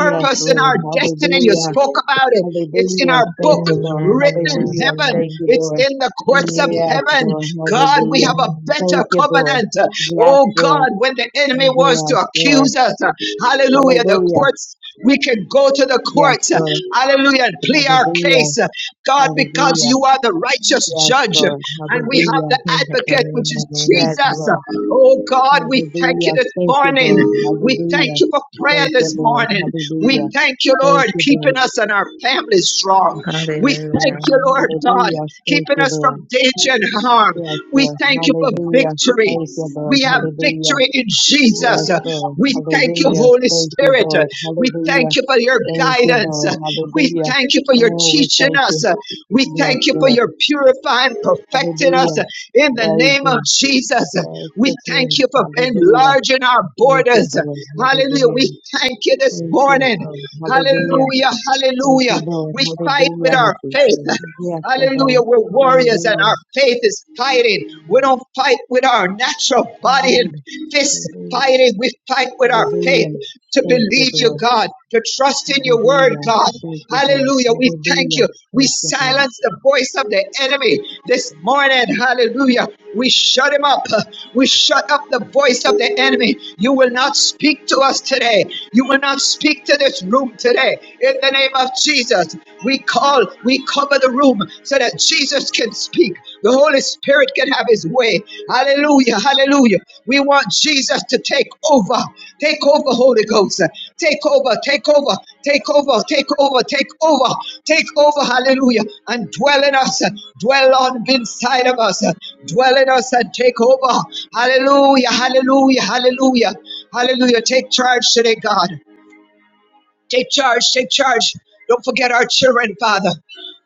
Speaker 3: Yes,
Speaker 4: in our
Speaker 3: Lord.
Speaker 4: destiny. You
Speaker 3: Hallelujah.
Speaker 4: spoke about it. It's in
Speaker 3: Hallelujah.
Speaker 4: our book
Speaker 3: Thank you, Lord.
Speaker 5: Amen,
Speaker 4: written in
Speaker 5: amen,
Speaker 3: Hallelujah.
Speaker 4: heaven.
Speaker 3: Thank
Speaker 5: amen.
Speaker 3: you,
Speaker 4: It's
Speaker 3: Lord.
Speaker 4: in the courts of
Speaker 3: Yes,
Speaker 4: heaven.
Speaker 3: Lord.
Speaker 4: God, we
Speaker 3: Hallelujah.
Speaker 4: have a
Speaker 5: Amen,
Speaker 4: better
Speaker 3: Thank you, Lord.
Speaker 4: covenant.
Speaker 3: Yes,
Speaker 4: Oh
Speaker 3: Lord.
Speaker 4: God, when the enemy wants to
Speaker 3: Yes, Lord.
Speaker 4: accuse us, hallelujah, the
Speaker 3: Hallelujah.
Speaker 4: courts, we can go to the
Speaker 3: Yes,
Speaker 4: courts,
Speaker 3: Lord.
Speaker 4: hallelujah, and plea our
Speaker 3: Hallelujah.
Speaker 4: case. God, because
Speaker 3: Hallelujah.
Speaker 4: you are the righteous
Speaker 3: Yes,
Speaker 4: judge
Speaker 3: Lord.
Speaker 4: and we have
Speaker 3: Hallelujah.
Speaker 4: the advocate, which
Speaker 5: amen,
Speaker 4: is
Speaker 5: amen.
Speaker 3: Yes,
Speaker 4: Jesus.
Speaker 3: Lord.
Speaker 4: Oh God, we thank you
Speaker 3: Hallelujah.
Speaker 4: this
Speaker 3: Thank you,
Speaker 4: morning.
Speaker 3: Lord.
Speaker 4: We thank
Speaker 3: Hallelujah.
Speaker 4: you for prayer
Speaker 3: Thank
Speaker 4: this
Speaker 3: you, Lord.
Speaker 4: morning. We
Speaker 3: Hallelujah.
Speaker 4: thank you,
Speaker 3: Thank
Speaker 4: Lord,
Speaker 3: you, Lord.
Speaker 4: keeping us and our families strong. We thank
Speaker 5: Hallelujah.
Speaker 4: you, Lord God
Speaker 3: Hallelujah. Thank
Speaker 4: keeping
Speaker 3: you,
Speaker 4: us from
Speaker 3: Lord.
Speaker 4: danger and harm.
Speaker 3: Yes,
Speaker 4: We
Speaker 3: Lord.
Speaker 4: thank you for
Speaker 3: Hallelujah.
Speaker 4: victory.
Speaker 3: Thank you, Lord.
Speaker 4: We have
Speaker 3: Hallelujah.
Speaker 4: victory in
Speaker 3: Yes,
Speaker 4: Jesus.
Speaker 3: Lord.
Speaker 4: We thank you,
Speaker 3: Hallelujah.
Speaker 4: Holy
Speaker 3: Thank you,
Speaker 4: Spirit.
Speaker 3: Lord.
Speaker 4: We
Speaker 3: Hallelujah.
Speaker 4: thank you for your
Speaker 3: Thank you,
Speaker 4: guidance.
Speaker 3: Lord.
Speaker 4: We
Speaker 3: Hallelujah.
Speaker 4: thank you for your
Speaker 3: Oh, we
Speaker 4: teaching
Speaker 3: thank
Speaker 4: us.
Speaker 3: you.
Speaker 4: We
Speaker 3: Yes,
Speaker 4: thank you for
Speaker 3: Lord.
Speaker 4: your purifying, perfecting us
Speaker 3: Hallelujah.
Speaker 4: in the
Speaker 3: Praise
Speaker 4: name of
Speaker 3: Him.
Speaker 4: Jesus. We
Speaker 3: Worship
Speaker 4: thank
Speaker 3: Him.
Speaker 4: you for
Speaker 3: Hallelujah.
Speaker 4: enlarging our
Speaker 3: Thank you,
Speaker 4: borders.
Speaker 3: Lord.
Speaker 4: Hallelujah.
Speaker 3: Hallelujah.
Speaker 4: We thank you this
Speaker 3: Thank you,
Speaker 4: morning.
Speaker 3: Lord. Hallelujah.
Speaker 4: Hallelujah.
Speaker 3: Thank you,
Speaker 4: Hallelujah.
Speaker 3: Lord.
Speaker 4: We fight with
Speaker 3: Hallelujah.
Speaker 5: Thank
Speaker 4: our
Speaker 5: you,
Speaker 4: faith.
Speaker 5: Jesus.
Speaker 3: Yes,
Speaker 4: Hallelujah.
Speaker 3: Lord.
Speaker 4: We're warriors and
Speaker 3: Hallelujah.
Speaker 4: our faith is fighting. We don't fight with our natural body and
Speaker 3: Hallelujah.
Speaker 4: fist
Speaker 3: Hallelujah.
Speaker 4: fighting. We fight with our faith
Speaker 3: Hallelujah.
Speaker 4: to
Speaker 3: Thank you,
Speaker 4: believe you,
Speaker 3: Lord.
Speaker 4: God, to trust in your word,
Speaker 3: Hallelujah.
Speaker 4: God.
Speaker 3: Thank you, Lord.
Speaker 4: Hallelujah. We thank
Speaker 3: Hallelujah.
Speaker 4: you. We
Speaker 3: Thank you, Lord.
Speaker 4: silence the voice of the enemy this morning. Hallelujah. We shut him up. We shut up the voice of the enemy. You will not speak to us today. You will not speak to this room today. In the name of of Jesus. We call, we cover the room so that Jesus can speak. The Holy Spirit can have his way. Hallelujah, hallelujah. We want Jesus to take over. Take over, Holy Ghost. Take over, take over, take over, take over, take over, take over, hallelujah. And dwell in us, dwell on the inside of us, dwell in us and take over. Hallelujah, hallelujah, hallelujah. Hallelujah. Take charge today, God. Take charge, take charge. Don't forget our children, Father.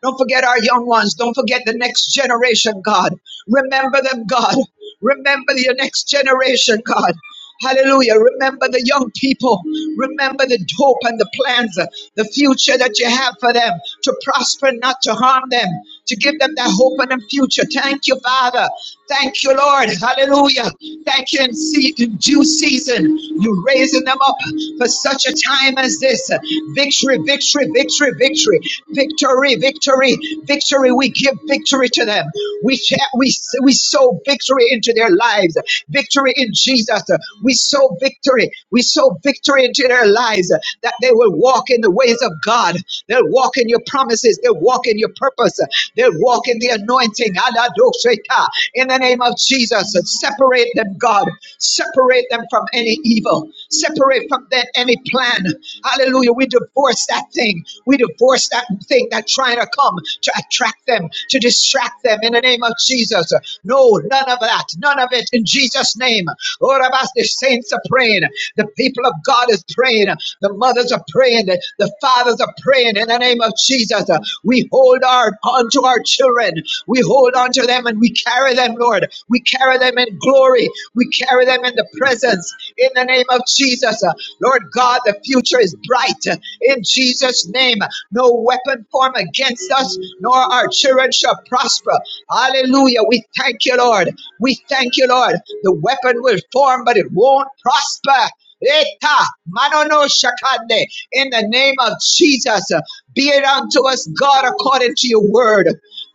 Speaker 4: Don't forget our young ones. Don't forget the next generation, God. Remember them, God. Remember your next generation, God. Hallelujah. Remember the young people. Remember the hope and the plans, uh, the future that you have for them to prosper, not to harm them to give them that hope and a future. Thank you, Father. Thank you, Lord. Hallelujah. Thank you in, se- in due season. You're raising them up for such a time as this. Victory, victory, victory, victory, victory, victory, victory. We give victory to them. We share, we we sow victory into their lives. Victory in Jesus. We sow victory. We sow victory into their lives that they will walk in the ways of God. They'll walk walk in your promises. They walk in your purpose. They walk in the anointing. Aladosheka. In the name of Jesus, separate them, God. Separate them from any evil. Separate from them any plan. Hallelujah. We divorce that thing. We divorce that thing that trying to come to attract them, to distract them. In the name of Jesus. No, none of that. None of it. In Jesus' name. Lord, of us, the saints are praying. The people of God is praying. The mothers mothers are praying, the the fathers are praying in the name of Jesus. Uh, We hold our on to our children. We hold on to them and we carry them, Lord. We carry them in glory. We carry them in the presence in the name of Jesus. Uh, Lord God, the future is bright uh, in Jesus' name. No weapon formed against us, nor our children shall prosper. Hallelujah. We thank you, Lord. We thank you, Lord. The weapon will form, but it won't prosper Eta manono shakande. In the name of Jesus, uh, be it unto us, God, according to your word.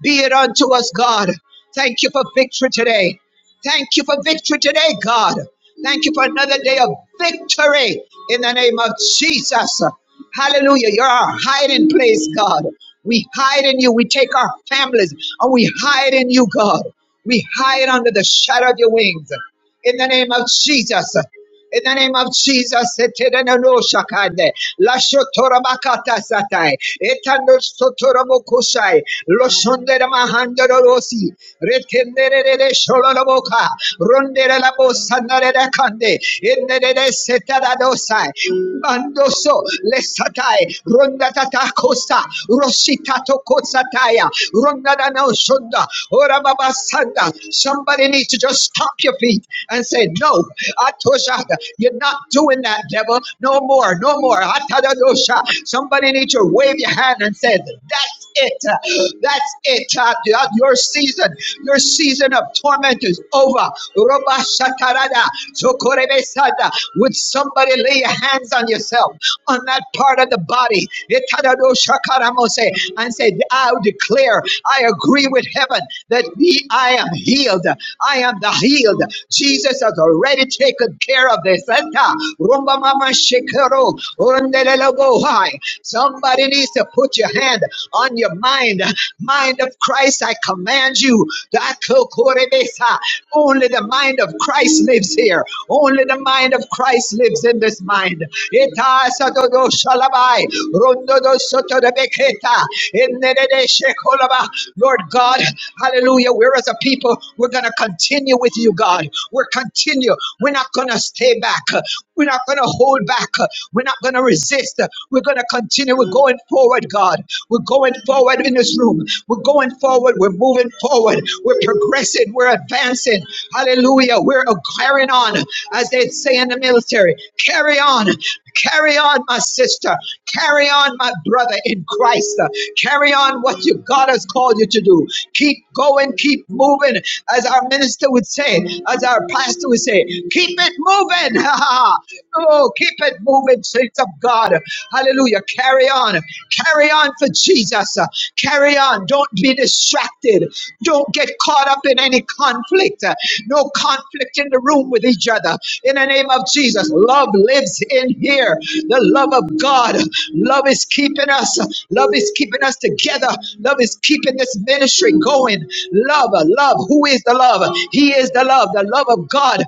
Speaker 4: Be it unto us, God. Thank you for victory today. Thank you for victory today, God. Thank you for another day of victory in the name of Jesus. Hallelujah. You're our hiding place, God. We hide in you. We take our families and we hide in you, God. We hide under the shadow of your wings. In the name of Jesus. In the name of Jesus, Etenenosakade, Lashotorabakata Satai, Etanostotorabokusai, Loshondera Mahandorosi, Retendere Sholomoka, Rondera Labosanare Kande, Indere Setadosai, Mandoso, Lesatai, Rondatata Costa, Rositato Kosataya, Rondadana Shunda, Ora Baba Sanda, somebody needs somebody to just stomp your feet and say, No, Atoshaka, you're not doing that, devil. No more, no more. Atadadosha. Somebody needs to wave your hand and say, That's it. That's it. Uh, Your season, your season of torment is over. Roba shakarada, zokorebesada. Would somebody lay your hands on yourself, on that part of the body, Etadadosha karamose, and say, I declare, I I agree with heaven that me, I am healed. I am the healed. Jesus has already taken care of this. rumba mama shikero, undelele bohai. Somebody needs to put your hand on your mind. Mind of Christ, I command you. Dako korebesa. Only the mind of Christ lives here. Only the mind of Christ lives in this mind. Ita sadodo shalabai, Lord God, hallelujah. We're as a people, we're going to continue with you, God. We're continue. We're not going to stay back. We're not going to hold back. We're not going to resist. We're going to continue. We're going forward, God. We're going forward in this room. We're going forward. We're moving forward. We're progressing. We're advancing. Hallelujah. We're carrying on, as they say in the military. Carry on. Carry on, my sister. Carry on, my brother in Christ. Carry on what you, God has called you to do. Keep going, keep moving. As our minister would say, as our pastor would say, keep it moving. oh, keep it moving, saints of God. Hallelujah. Carry on. Carry on for Jesus. Carry on. Don't be distracted. Don't get caught up in any conflict. No conflict in the room with each other. In the name of Jesus, love lives in here. The love of God. Love is keeping us. Love is keeping us together. Love is keeping this ministry going. Love, love. Who is the love? He is the love, the love of God.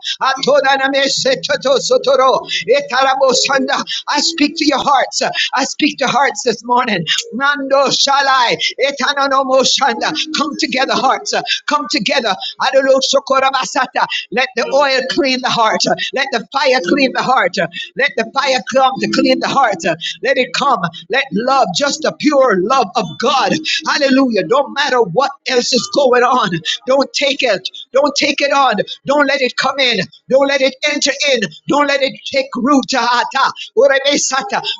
Speaker 4: I speak to your hearts. I speak to hearts this morning. Nando shalai. Etanonomoshanda. Come together, hearts. Come together. Adolosokorabasata. Let the oil clean the heart. Let the fire clean the heart. Let the fire come to clean the heart. Let it come. Let love, just the pure love of God. Hallelujah. Don't matter what else is going on. Don't take it. Don't take it on. Don't let it come in. Don't let it enter in. Don't let it take root. Ah, ah,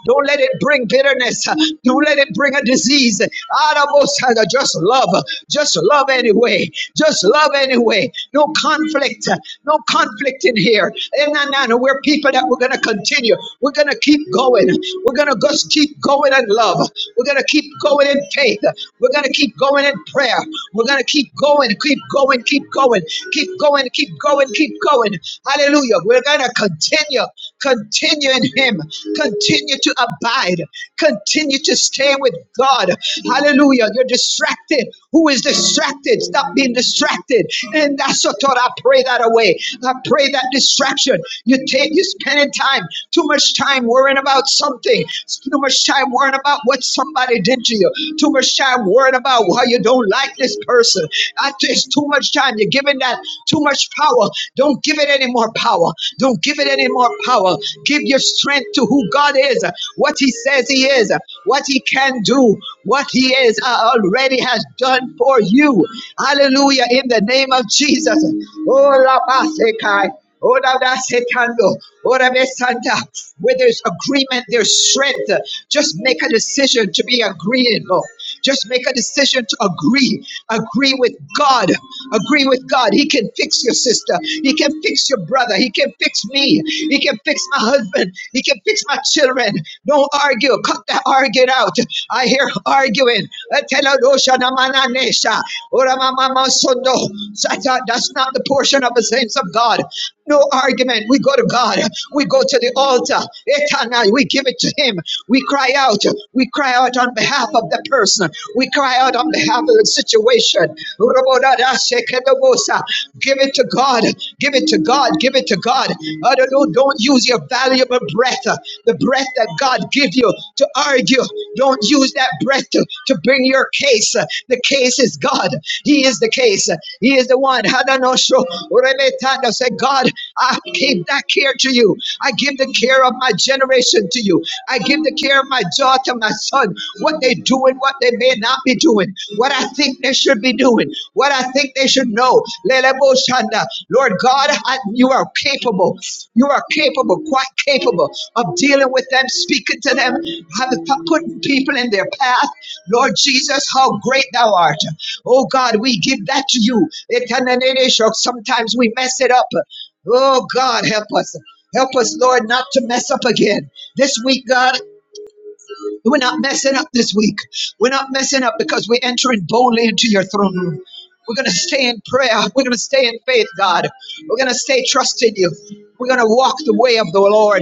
Speaker 4: Don't let it bring bitterness. Don't let it bring a disease. Arabosada. Just love. Just love anyway. Just love anyway. No conflict. No conflict in here. Eh, nah, nah, nah. We're people that we're going to continue. We're going to keep going. We're going to to just keep going in love. We're going to keep going in faith. We're going to keep going in prayer. We're going to keep going, keep going, keep going, keep going, keep going, keep going. Hallelujah. We're going to continue, continue in Him, continue to abide, continue to stay with God. Hallelujah. You're distracted. Who is distracted? Stop being distracted. And that's what Lord, I pray that away. I pray that distraction. You take, you're spending time, too much time worrying about something. Too much time worrying about what somebody did to you. Too much time worrying about why you don't like this person. I just too much time. You're giving that too much power. Don't give it any more power. Don't give it any more power. Give your strength to who God is, what He says He is, what He can do, what He is uh, already has done for you. Hallelujah. In the name of Jesus. Oh, Rabbi Sekai. Ora da setando, ora be santa. Where there's agreement, there's strength. Just make a decision to be agreeable. Just make a decision to agree. Agree with God. Agree with God. He can fix your sister. He can fix your brother. He can fix me. He can fix my husband. He can fix my children. Don't argue. Cut that arguing out. I hear arguing. Ateladosha namananesha. Ora mama sondo. That's not the portion of the saints of God. No argument. We go to God. We go to the altar. Eternal. We give it to Him. We cry out. We cry out on behalf of the person. We cry out on behalf of the situation. Give it to God. Give it to God. Give it to God. Don't use your valuable breath, the breath that God gives you, to argue. Don't. Don't use that breath to, to bring your case. The case is God. He is the case. He is the one. Hadanosho remetando. Say, God, I give that care to you. I give the care of my generation to you. I give the care of my daughter, my son, what they do and what they may not be doing, what I think they should be doing, what I think they should know. Kanda. Lord God, I- you are capable. You are capable, quite capable of dealing with them, speaking to them, having putting people in their path. Lord Jesus, how great thou art. Oh God, we give that to you. Sometimes we mess it up. Oh God, help us. Help us, Lord, not to mess up again. This week, God, we're not messing up this week. We're not messing up because we're entering boldly into your throne room. We're going to stay in prayer. We're going to stay in faith, God. We're going to stay trusting you. We're going to walk the way of the Lord.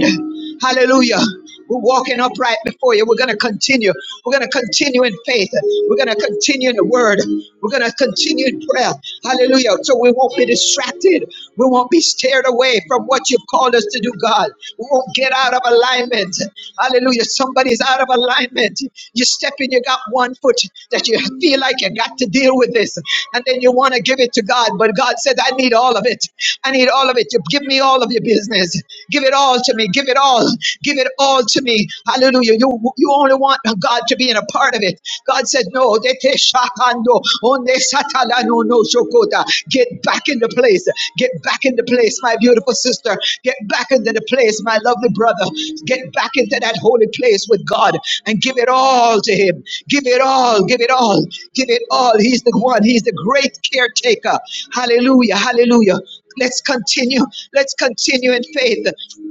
Speaker 4: Hallelujah. We're walking upright before you. We're going to continue. We're going to continue in faith. We're going to continue in the word. We're going to continue in prayer. Hallelujah. So we won't be distracted. We won't be scared away from what you've called us to do, God. We won't get out of alignment. Hallelujah. Somebody's out of alignment. You step in, you got one foot that you feel like you got to deal with this. and and then you want to give it to God. But God said, I need all of it. I need all of it. You give me all of your business. Give it all to me. Give it all. Give it all to me. Hallelujah. You you only want God to be in a part of it. God said, No, they shakando, onde satala no no shokota. Get back into place. Get back into place, my beautiful sister. Get back into the place, my lovely brother. Get back into that holy place with God and give it all to Him. Give it all. Give it all. Give it all. He's the one. He's the great caretaker. Hallelujah. Hallelujah. Let's continue. Let's continue in faith.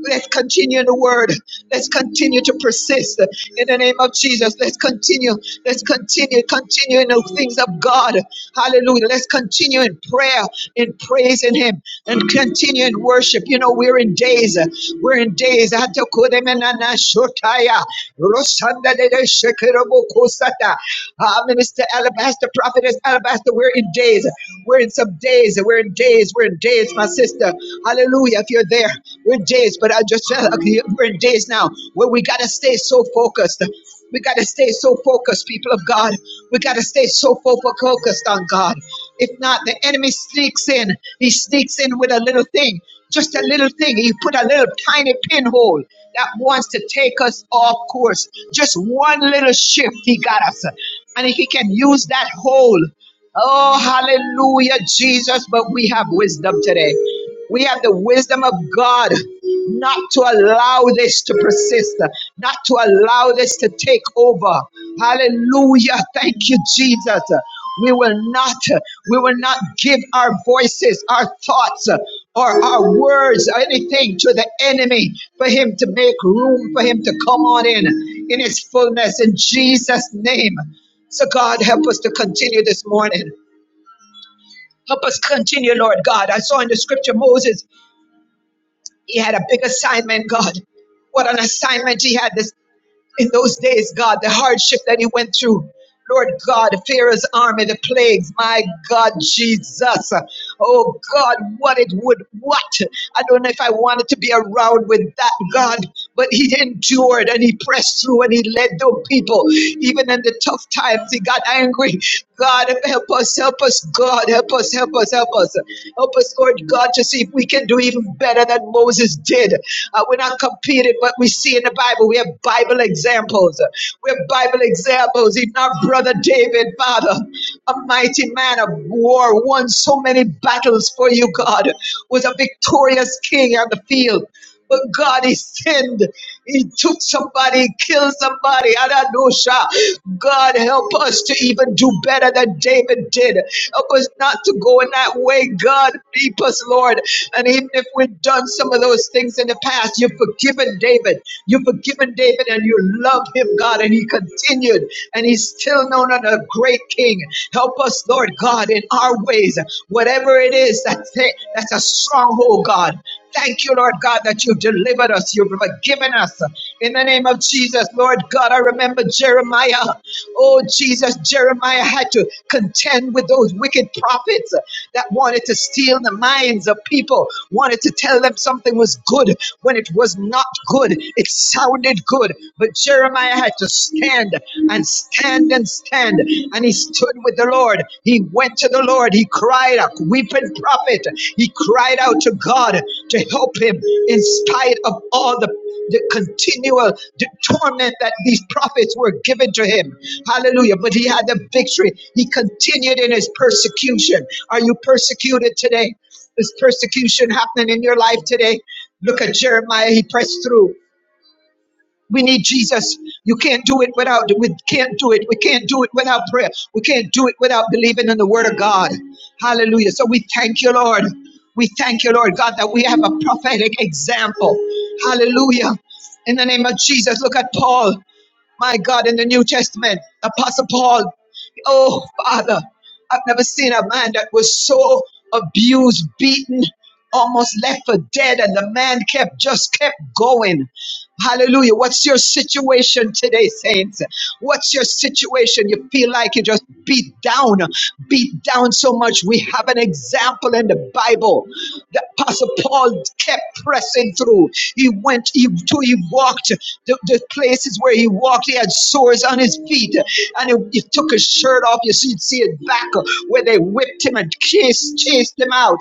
Speaker 4: Let's continue in the word. Let's continue to persist in the name of Jesus. Let's continue. Let's continue. Continue in the things of God. Hallelujah. Let's continue in prayer, in praise in Him, and continue in worship. You know, we're in days. We're in days. Hatakodemenana shotaya. Rosanda de de shekerobokosata. Ah, Minister Alabaster, Prophetess Alabaster, we're we're in days. We're in some days. We're in days. We're in days, my sister. Hallelujah. If you're there, we're in days. But I just felt like we're in days now where we got to stay so focused. We got to stay so focused, people of God. We got to stay so fo- focused on God. If not, the enemy sneaks in. He sneaks in with a little thing, just a little thing. He put a little tiny pinhole that wants to take us off course. Just one little shift, he got us. And if he can use that hole, Oh, hallelujah, Jesus. But we have wisdom today. We have the wisdom of God not to allow this to persist, not to allow this to take over. Hallelujah. Thank you, Jesus. We will not, we will not give our voices, our thoughts, or our words, or anything to the enemy for him to make room, for him to come on in in his fullness in Jesus' name. So, God, help us to continue this morning. Help us continue, Lord God. I saw in the scripture Moses, he had a big assignment, God. What an assignment he had this in those days, God, the hardship that he went through. Lord God, Pharaoh's army, the plagues, my God, Jesus. Oh God, what it would, what? I don't know if I wanted to be around with that, God, but he endured and he pressed through and he led those people. Even in the tough times, he got angry. God, help us, help us, God, help us, help us, help us. Help us, Lord God, to see if we can do even better than Moses did. Uh, we're not competing, but we see in the Bible, we have Bible examples. we have Bible examples. Even our brother David, Father, a mighty man of war, won so many battles for you, God, was a victorious king on the field. But God, he sinned. He took somebody, killed somebody. Adadosha. God, help us to even do better than David did. Help us not to go in that way. God, keep us, Lord. And even if we've done some of those things in the past, you've forgiven David. You've forgiven David and you love him, God. And he continued and he's still known as a great king. Help us, Lord God, in our ways, whatever it is that's, that's a stronghold, God. Thank you, Lord God, that you've delivered us, you've forgiven us. In the name of Jesus, Lord God, I remember Jeremiah. Oh, Jesus, Jeremiah had to contend with those wicked prophets that wanted to steal the minds of people, wanted to tell them something was good when it was not good. It sounded good, but Jeremiah had to stand and stand and stand. And he stood with the Lord. He went to the Lord. He cried out, weeping prophet. He cried out to God to help him in spite of all the the continual d- torment that these prophets were given to him. Hallelujah. But he had the victory. He continued in his persecution. Are you persecuted today? Is persecution happening in your life today? Look at Jeremiah. He pressed through. We need Jesus. You can't do it without we can't do it. We can't do it without prayer. We can't do it without believing in the word of God. Hallelujah. So we thank you, Lord. We thank you, Lord God, that we have a prophetic example. Hallelujah. In the name of Jesus, look at Paul, my God, in the New Testament, Apostle Paul. Oh, Father, I've never seen a man that was so abused, beaten, almost left for dead, and the man kept just kept going. Hallelujah. What's your situation today, saints? What's your situation? You feel like you just beat down, beat down so much. We have an example in the Bible. The Apostle Paul kept pressing through. He went, he, to, he walked the, the places where he walked. He had sores on his feet, and he, he took his shirt off. You see, see it back where they whipped him and chased, chased him out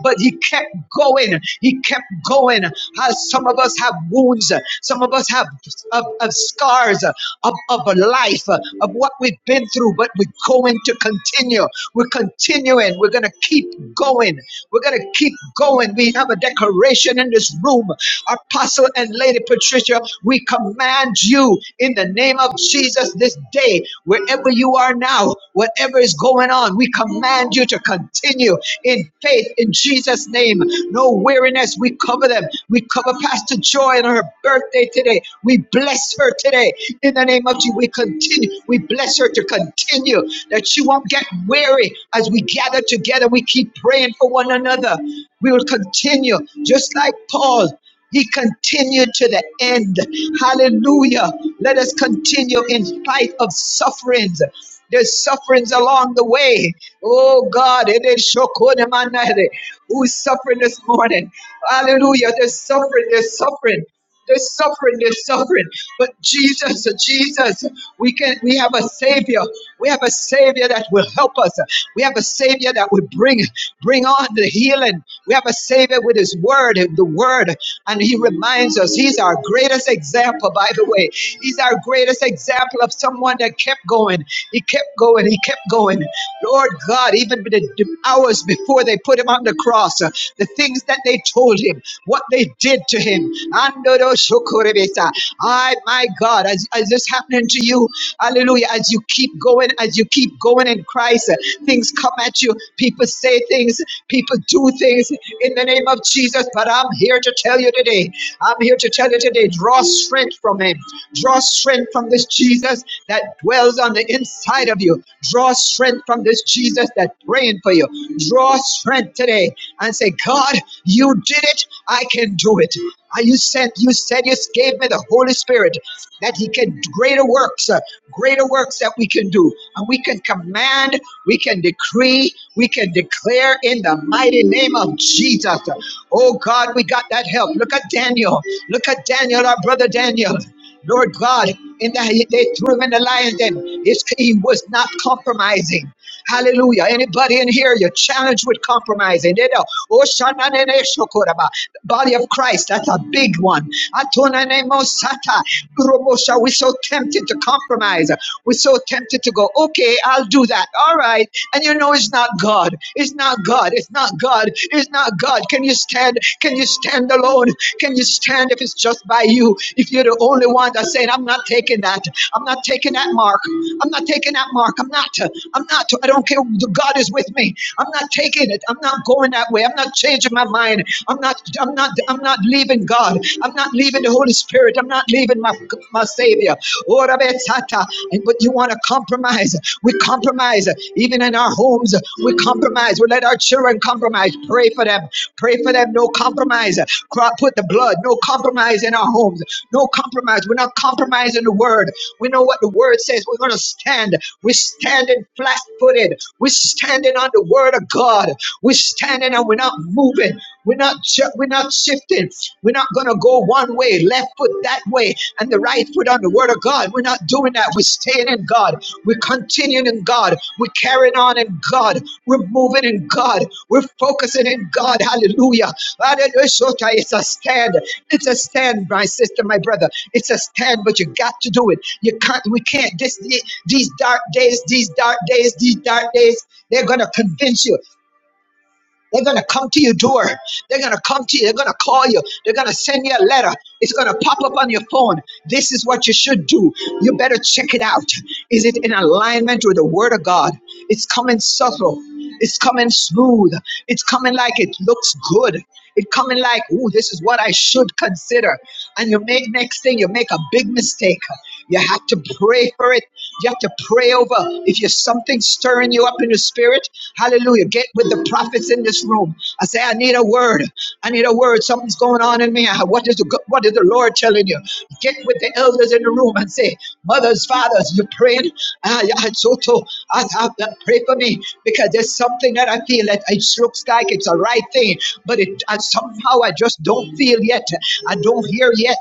Speaker 4: but he kept going. He kept going. How some of us have wounds, some of us have of, of scars of, of a life, of what we've been through, but we're going to continue. We're continuing. We're going to keep going. We're going to keep going. We have a declaration in this room Apostle and Lady Patricia, we command you in the name of Jesus this day, wherever you are now, whatever is going on, we command you to continue in faith in Jesus' name. No weariness, we cover them. We cover Pastor Joy and her birthday today. We bless her today in the name of Jesus. We continue, we bless her to continue that she won't get weary as we gather together. We keep praying for one another. We will continue just like Paul. He continued to the end. Hallelujah. Let us continue in spite of sufferings. There's sufferings along the way. Oh God, it is Shokonemanere. who's suffering this morning. Hallelujah. There's suffering, there's suffering. They're suffering, they're suffering. But Jesus, Jesus, we can we have a savior. We have a savior that will help us. We have a savior that will bring bring on the healing. We have a savior with his word, the word. And he reminds us he's our greatest example, by the way. He's our greatest example of someone that kept going. He kept going, he kept going. Lord God, even the the hours before they put him on the the cross, uh, the things that they told him, what they did to him. Andoro I, my God, as, as this happening to you, hallelujah, as you keep going, as you keep going in Christ, uh, things come at you. People say things, people do things in the name of Jesus. But I'm here to tell you today, I'm here to tell you today, draw strength from him, draw strength from this Jesus that dwells on the inside of you you. Draw strength from this Jesus that's praying for you. Draw strength today and say, God, you did it. I can do it. Uh, You sent. you said, you gave me the Holy Spirit that He can do greater works, uh, greater works that we can do. And we can command, we can decree, we can declare in the mighty name of Jesus. Oh God, we got that help. Look at Daniel. Look at Daniel, our brother Daniel. Lord God, in that they threw him in the lion's den, his, he was not compromising. Hallelujah. Anybody in here, you're challenged with compromising. They know. Oh, body of Christ. That's a big one. Atonanemos-sata. Robosha, We're so tempted to compromise. We're so tempted to go, okay, I'll do that. All right. And you know it's not God. It's not God. It's not God. It's not God. Can you stand? Can you stand alone? Can you stand if it's just by you? If you're the only one that's saying, I'm not taking that. I'm not taking that mark. I'm not taking that mark. I'm not. I'm not. I don't care. God is with me. I'm not taking it. I'm not going that way. I'm not changing my my mind. I'm not, I'm not, I'm not leaving God. I'm not leaving the Holy Spirit. I'm not leaving my, my Savior. Oh, Rabbi Tzata. And but you want to compromise. We compromise even in our homes. We compromise. We let our children compromise. Pray for them. Pray for them. No compromise. Put the blood. No compromise in our homes. No compromise. We're not compromising the word. We know what the word says. We're going to stand. We're standing flat footed. We're standing on the word of God. We stand standing and we're not moving. We're not ju- we're not shifting. We're not gonna go one way, left foot that way, and the right foot on the word of God. We're not doing that. We're staying in God. We're continuing in God. We're carrying on in God. We're moving in God. We're focusing in God. Hallelujah. Hallelujah. It's a stand. It's a stand, my sister, my brother. It's a stand, but you got to do it. You can't. We can't. This, these dark days, these dark days, these dark days. They're gonna convince you. They're going to come to your door. They're going to come to you. They're going to call you. They're going to send you a letter. It's going to pop up on your phone. This is what you should do. You better check it out. Is it in alignment with the Word of God? It's coming subtle. It's coming smooth. It's coming like it looks good. It coming like, ooh, this is what I should consider. And you make next thing, you make a big mistake. You have to pray for it. You have to pray over. If you're something stirring you up in the spirit, hallelujah. Get with the prophets in this room. I say, I need a word. I need a word. Something's going on in me. What is the, go- what is the Lord telling you? Get with the elders in the room and say, Mothers, fathers, you're praying. Ah, yeah, I, so to, I, I, I- pray for me because there's something that I feel that it looks like it's a right thing, but it I, somehow I just don't feel yet. I don't hear yet.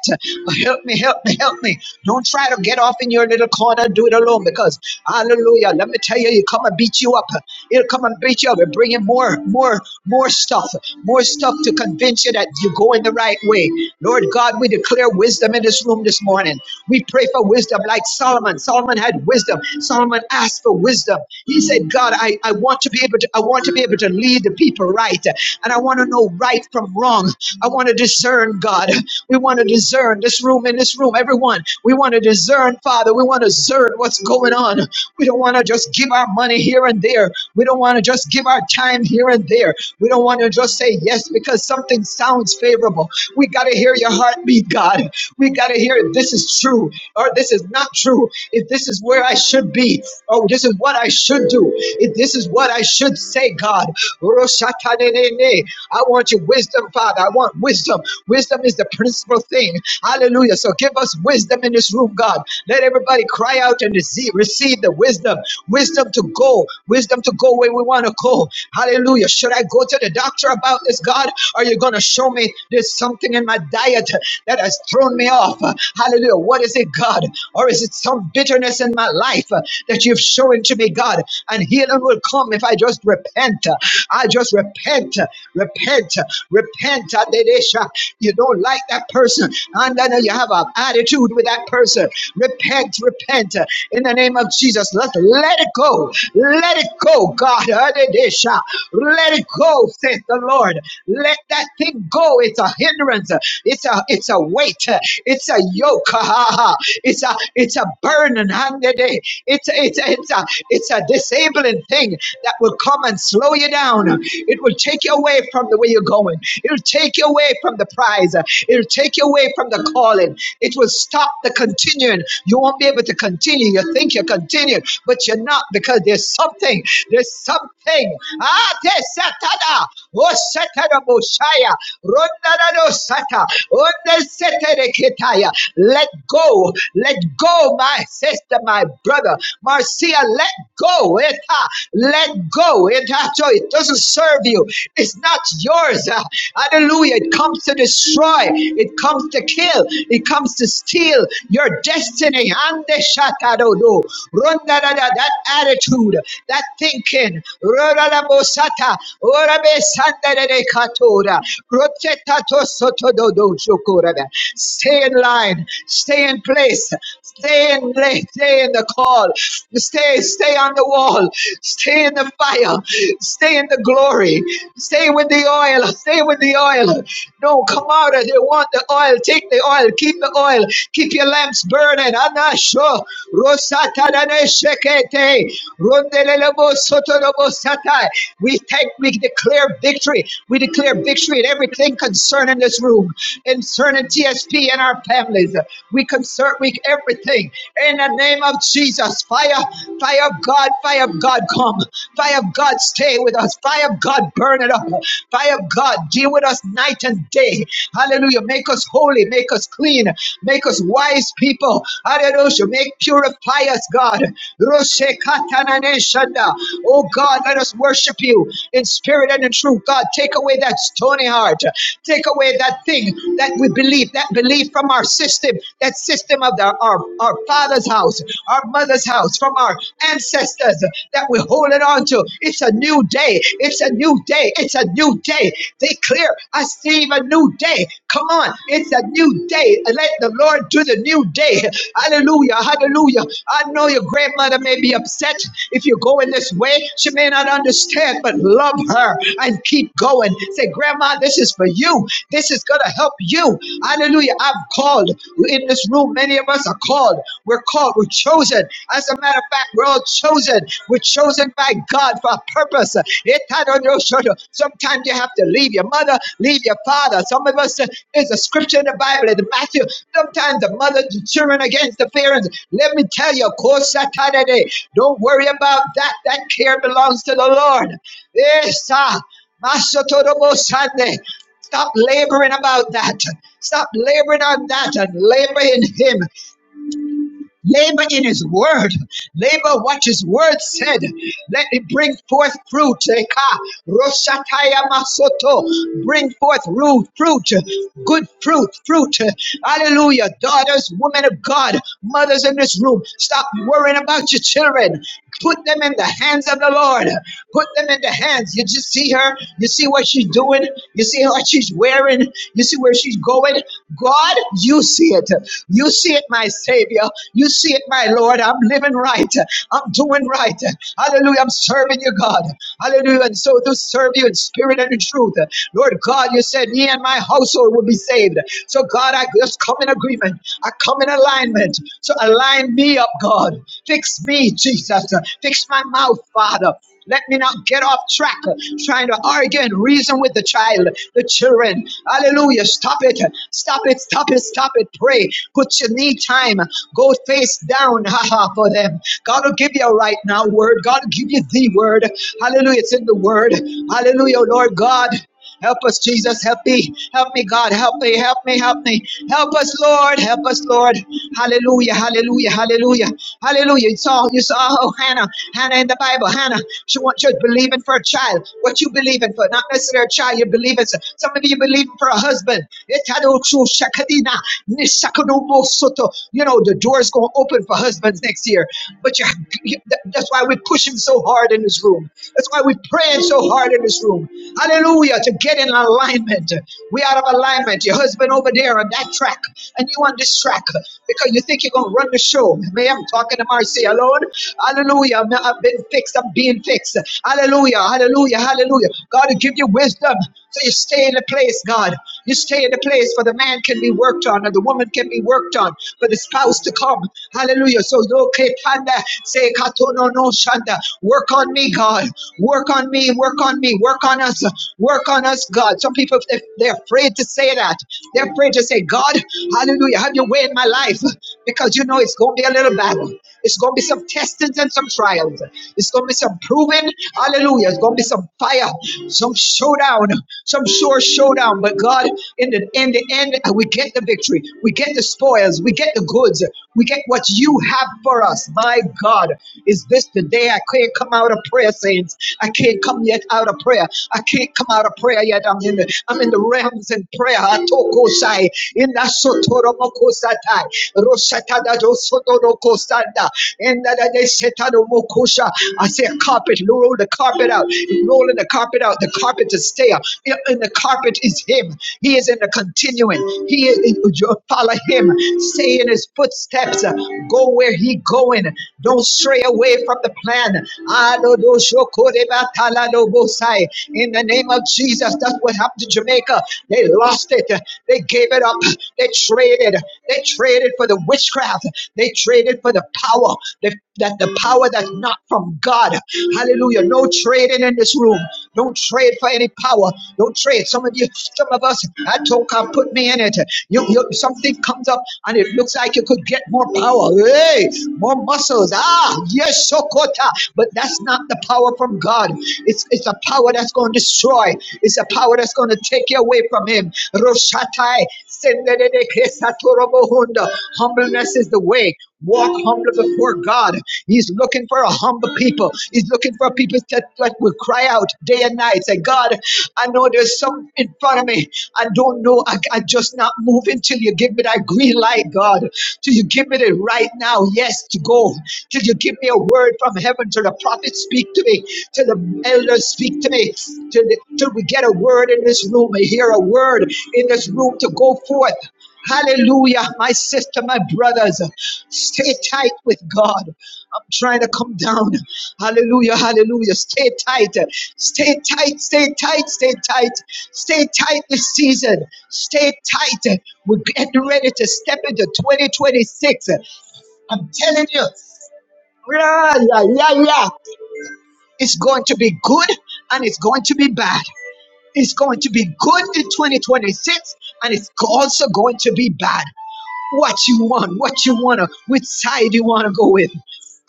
Speaker 4: Help me, help help me, help me. Don't try to get off in your little corner, and do it alone because, hallelujah, let me tell you, he'll come and beat you up. He'll come and beat you up and bring in more, more, more stuff, more stuff to convince you that you're going the right way. Lord God, we declare wisdom in this room this morning. We pray for wisdom like Solomon. Solomon had wisdom. Solomon asked for wisdom. He said, God, I, I want to be able to, I want to be able to lead the people right. And I want to know right from wrong. I want to discern, God. We want to want to discern this room in this room, everyone. We want to discern, Father. We want to discern what's going on. We don't want to just give our money here and there. We don't want to just give our time here and there. We don't want to just say yes because something sounds favorable. We got to hear your heartbeat, God. We got to hear if this is true or this is not true. If this is where I should be or this is what I should do. If this is what I should say, God. I want your wisdom, Father. I want wisdom. Wisdom is the principal thing. Hallelujah. So give us wisdom in this room, God. Let everybody cry out and receive, receive the wisdom. Wisdom to go. Wisdom to go where we want to go. Hallelujah. Should I go to the doctor about this, God? Are you going to show me there's something in my diet that has thrown me off? Hallelujah. What is it, God? Or is it some bitterness in my life that you've shown to me, God? And healing will come if I just repent. I just repent, repent, repent repent. Adedesha. You don't like that person. And then you have an attitude with that person. Repent, repent. uh, In the name of Jesus, let, let it go. Let it go, God. Adedesha. Let it go, Says the Lord. Let that thing go. It's a hindrance. It's a it's a weight. It's a yoke. It's a it's a burden. Adede. It's a, it's a, it's a it's a disabling thing that will come and slow you down. It will take you you away from the way you're going. It'll take you away from the prize. It'll take you away from the calling. It will stop the continuing. You won't be able to continue. You think you're continuing, but you're not because there's something. There's something. Ah, there's Satana. Oh, Satana Boshaya. Rondanado Sata. Onde Setere Ketaya. Let go. Let go, my sister, my brother. Marcia, let go. Eta. Let go. Eta. It doesn't serve you. It's not yours. Ah, Hallelujah. It comes to destroy. It comes to kill. It comes to steal your destiny. And the shatadodo. Rondadada, That attitude, that thinking. Roradabosata. Orabesandadadekatoda. Rotetatosotododojokorada. Stay in line. Stay in place. Stay in place. Stay in the call. Stay, stay on the wall. Stay in the in the fire. Stay in the glory. Stay with the oil. Stay with the oil. Don't come out as you want the oil. Take the oil. Keep the oil. Keep your lamps burning. Anasho. Rosatadane shekete. Rondelelebo sotolobo satai. We take, we declare victory. We declare victory in everything concerning this room, concerning TSP and our families. We concern we everything in the name of Jesus. Fire, fire of God God, fire of God, come. Fire of God, stay with us. Fire of God, burn it up. Fire of God, deal with us night and day. Hallelujah. Make us holy. Make us clean. Make us wise people. Hallelujah. Make purify us, God. Roshe katanane shanda. Oh God, let us worship you in spirit and in truth. God, take away that stony heart. Take away that thing that we believe, that belief from our system, that system of the, our, our father's house, our mother's house house, from our ancestors that we're holding on to. It's a new day. It's a new day. It's a new day. Declare, I see a new day. Come on. It's a new day. Let the Lord do the new day. Hallelujah. Hallelujah. I know your grandmother may be upset if you're going this way. She may not understand, but love her and keep going. Say, Grandma, this is for you. This is going to help you. Hallelujah. I've called. In this room, many of us are called. We're called called, we're chosen. As a matter of fact, we're all chosen. We're chosen by God for a purpose. Sometimes you have to leave your mother, leave your father. Some of us, uh, there's a scripture in the Bible, in Matthew, sometimes the mother, the children against the parents. Let me tell you, Kosatadede, don't worry about that. That care belongs to the Lord. Yes, ah, Masotodobosande. Stop laboring about that. Stop laboring on that and labor in Him. Labor in his word. Labor what his word said. Let it bring forth fruit. Eka, Roshataya Masoto. Bring forth root, fruit, good fruit, fruit. Hallelujah. Daughters, women of God, mothers in this room, stop worrying about your children. Put them in the hands of the Lord. Put them in the hands. You just see her. You see what she's doing. You see what she's wearing. You see where she's going. God, you see it. You see it, my Savior. You see it, my Lord. I'm living right. I'm doing right. Hallelujah. I'm serving you, God. Hallelujah. And so to serve you in spirit and in truth. Lord God, you said, Me and my household will be saved. So, God, I just come in agreement. I come in alignment. So, align me up, God. Fix me, Jesus. Fix my mouth, Father. Let me not get off track uh, trying to argue and reason with the child, the children. Hallelujah. Stop it. Stop it. Stop it. Stop it. Pray. Put your knee time. Go face down. Haha for them. God will give you a right now word. God will give you the word. Hallelujah. It's in the word. Hallelujah, Lord God. Help us, Jesus. Help me. Help me, God. Help me. Help me. Help me. Help us, Lord. Help us, Lord. Hallelujah. Hallelujah. Hallelujah. Hallelujah. You saw, you saw oh, Hannah. Hannah in the Bible. Hannah, she wants you believing for a child. What you believing for? Not necessarily a child. You're believing. so, Some of you believing for a husband. Etadochu shakadina, nishakadubo soto. You know, the door's going to open for husbands next year. But you, that's why we push pushing so hard in this room. That's why we're praying so hard in this room. Hallelujah. To get in alignment. We out of alignment. Your husband over there on that track, and you on this track because you think you're going to run the show. May I'm talking to Marcy alone. Hallelujah. i I've been fixed. I'm being fixed. Hallelujah. Hallelujah. Hallelujah. God will give you wisdom. So you stay in the place, God. You stay in the place for the man can be worked on and the woman can be worked on for the spouse to come. Hallelujah. So do panda say katono no shanda. Work on me, God. Work on me. Work on me. Work on us. Work on us, God. Some people if they're afraid to say that. They're afraid to say, God, hallelujah, have your way in my life because you know it's going to be a little battle. It's going to be some testings and some trials. It's going to be some proving. Hallelujah. It's going to be some fire, some showdown, some sure showdown. But God, in the, in the end, we get the victory. We get the spoils. We get the goods. We get what you have for us. My God, is this the day I can't come out of prayer, saints? I can't come yet out of prayer. I can't come out of prayer yet. I'm in the I'm in the realms in prayer. Atokoshai, inasotoromokosatai, roshatadadosotodokosanda, indadadeshetadomokosha. I say carpet, roll the carpet out, rolling the carpet out, the carpet to stay. In the carpet is Him. He is in the continuing. He is follow Him. Stay in His footsteps. Go where He going. Don't stray away from the plan. In the name of Jesus, that's what happened to Jamaica. They lost it. They gave it up. They traded. They traded for the witchcraft. They traded for the power that, that the power that's not from God. Hallelujah. No trading in this room. Don't trade for any power. Don't trade. Some of you, some of us, I told God, put me in it. You, you, something comes up and it looks like you could get more power. Hey, more muscles. Ah, yes, Sokota. But that's not the power from God. It's, it's a power that's going to destroy. It's a power that's going to take you away from Him him. Roshatai, sendedede kesatorobohunda. Humbleness is the way. Walk humble before God. He's looking for a humble people. He's looking for people that, that will cry out day and night. Say, God, I know there's something in front of me. I don't know. I, I just not moving till you give me that green light, God. Till you give me the right now, yes, to go. Till you give me a word from heaven. Till the prophet speak to me to the elders speak today, till, the, till we get a word in this room and hear a word in this room to go forth. Hallelujah, my sister, my brothers, stay tight with God. I'm trying to come down. Hallelujah, hallelujah. Stay tight, stay tight, stay tight, stay tight, stay tight this season. Stay tight. We're getting ready to step into 2026. I'm telling you, yeah, yeah, yeah, yeah. It's going to be good and it's going to be bad. It's going to be good in 2026 and it's also going to be bad. What you want, what you wanna, which side you wanna go with.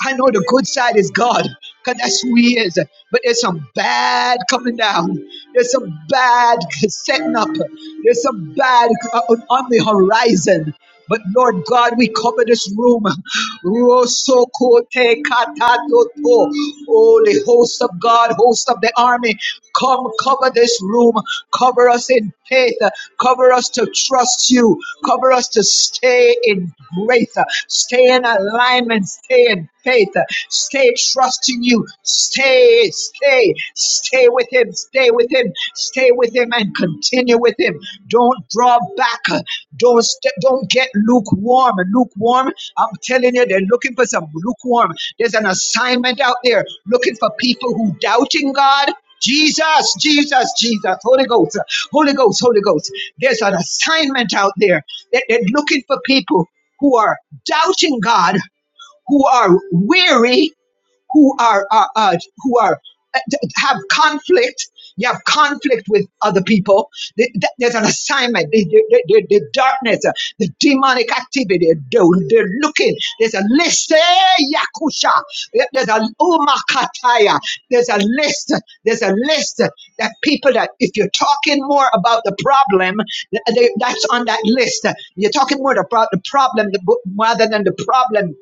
Speaker 4: I know the good side is God, because that's who He is. But there's some bad coming down. There's some bad setting up. There's some bad uh, on the horizon. But Lord God, we cover this room. Rosokote katatoto. Oh, the host of God, host of the army, come cover this room. Cover us in faith. Cover us to trust you. Cover us to stay in grace. Stay in alignment. Stay in faith. Stay trusting you. Stay, stay, stay with him. Stay with him. Stay with him and continue with him. Don't draw back. Don't st- don't get lukewarm. Lukewarm. I'm telling you, they're looking for some lukewarm. There's an assignment out there looking for people who doubting God. Jesus, Jesus, Jesus, Holy Ghost, Holy Ghost, Holy Ghost. There's an assignment out there that they're looking for people who are doubting God, who are weary, who are uh, uh, who are uh, have conflict. You have conflict with other people. Th- th- There's an assignment. The, the, the, the darkness, uh, the demonic activity. They're, they're looking. There's a list. Eh, Yakusha. There's a umakataya. There's a list. There's a list that people that if you're talking more about the problem, th- they, that's on that list. You're talking more about the problem the, rather than the problem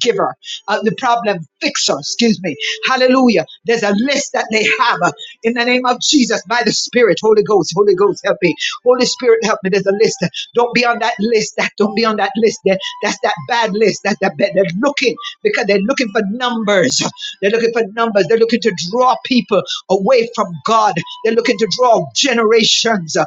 Speaker 4: giver uh, the problem fixer, excuse me. Hallelujah. There's a list that they have uh, in the name of Jesus by the Spirit. Holy Ghost, Holy Ghost, help me. Holy Spirit, help me. There's a list. Don't be on that list. That don't be on that list. That, that's that bad list. That's that bad. They're looking because they're looking for numbers. They're looking for numbers. They're looking to draw people away from God. They're looking to draw generations. uh,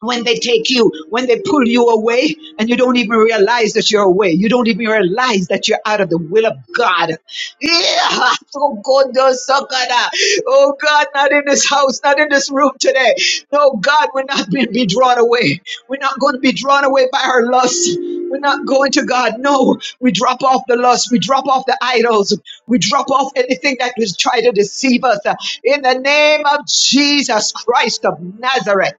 Speaker 4: when they take you, when they pull you away, and you don't even realize that you're away. You don't even realize that you're out of the will of God. Yeah. Oh God, no, so God, ah. Oh, God, not in this house, not in this room today. No, God, we're not going to be drawn away. We're not going to be drawn away by our lust. We're not going to God. No, we drop off the lust. We drop off the idols. We drop off anything that was trying to deceive us. In the name of Jesus Christ of Nazareth.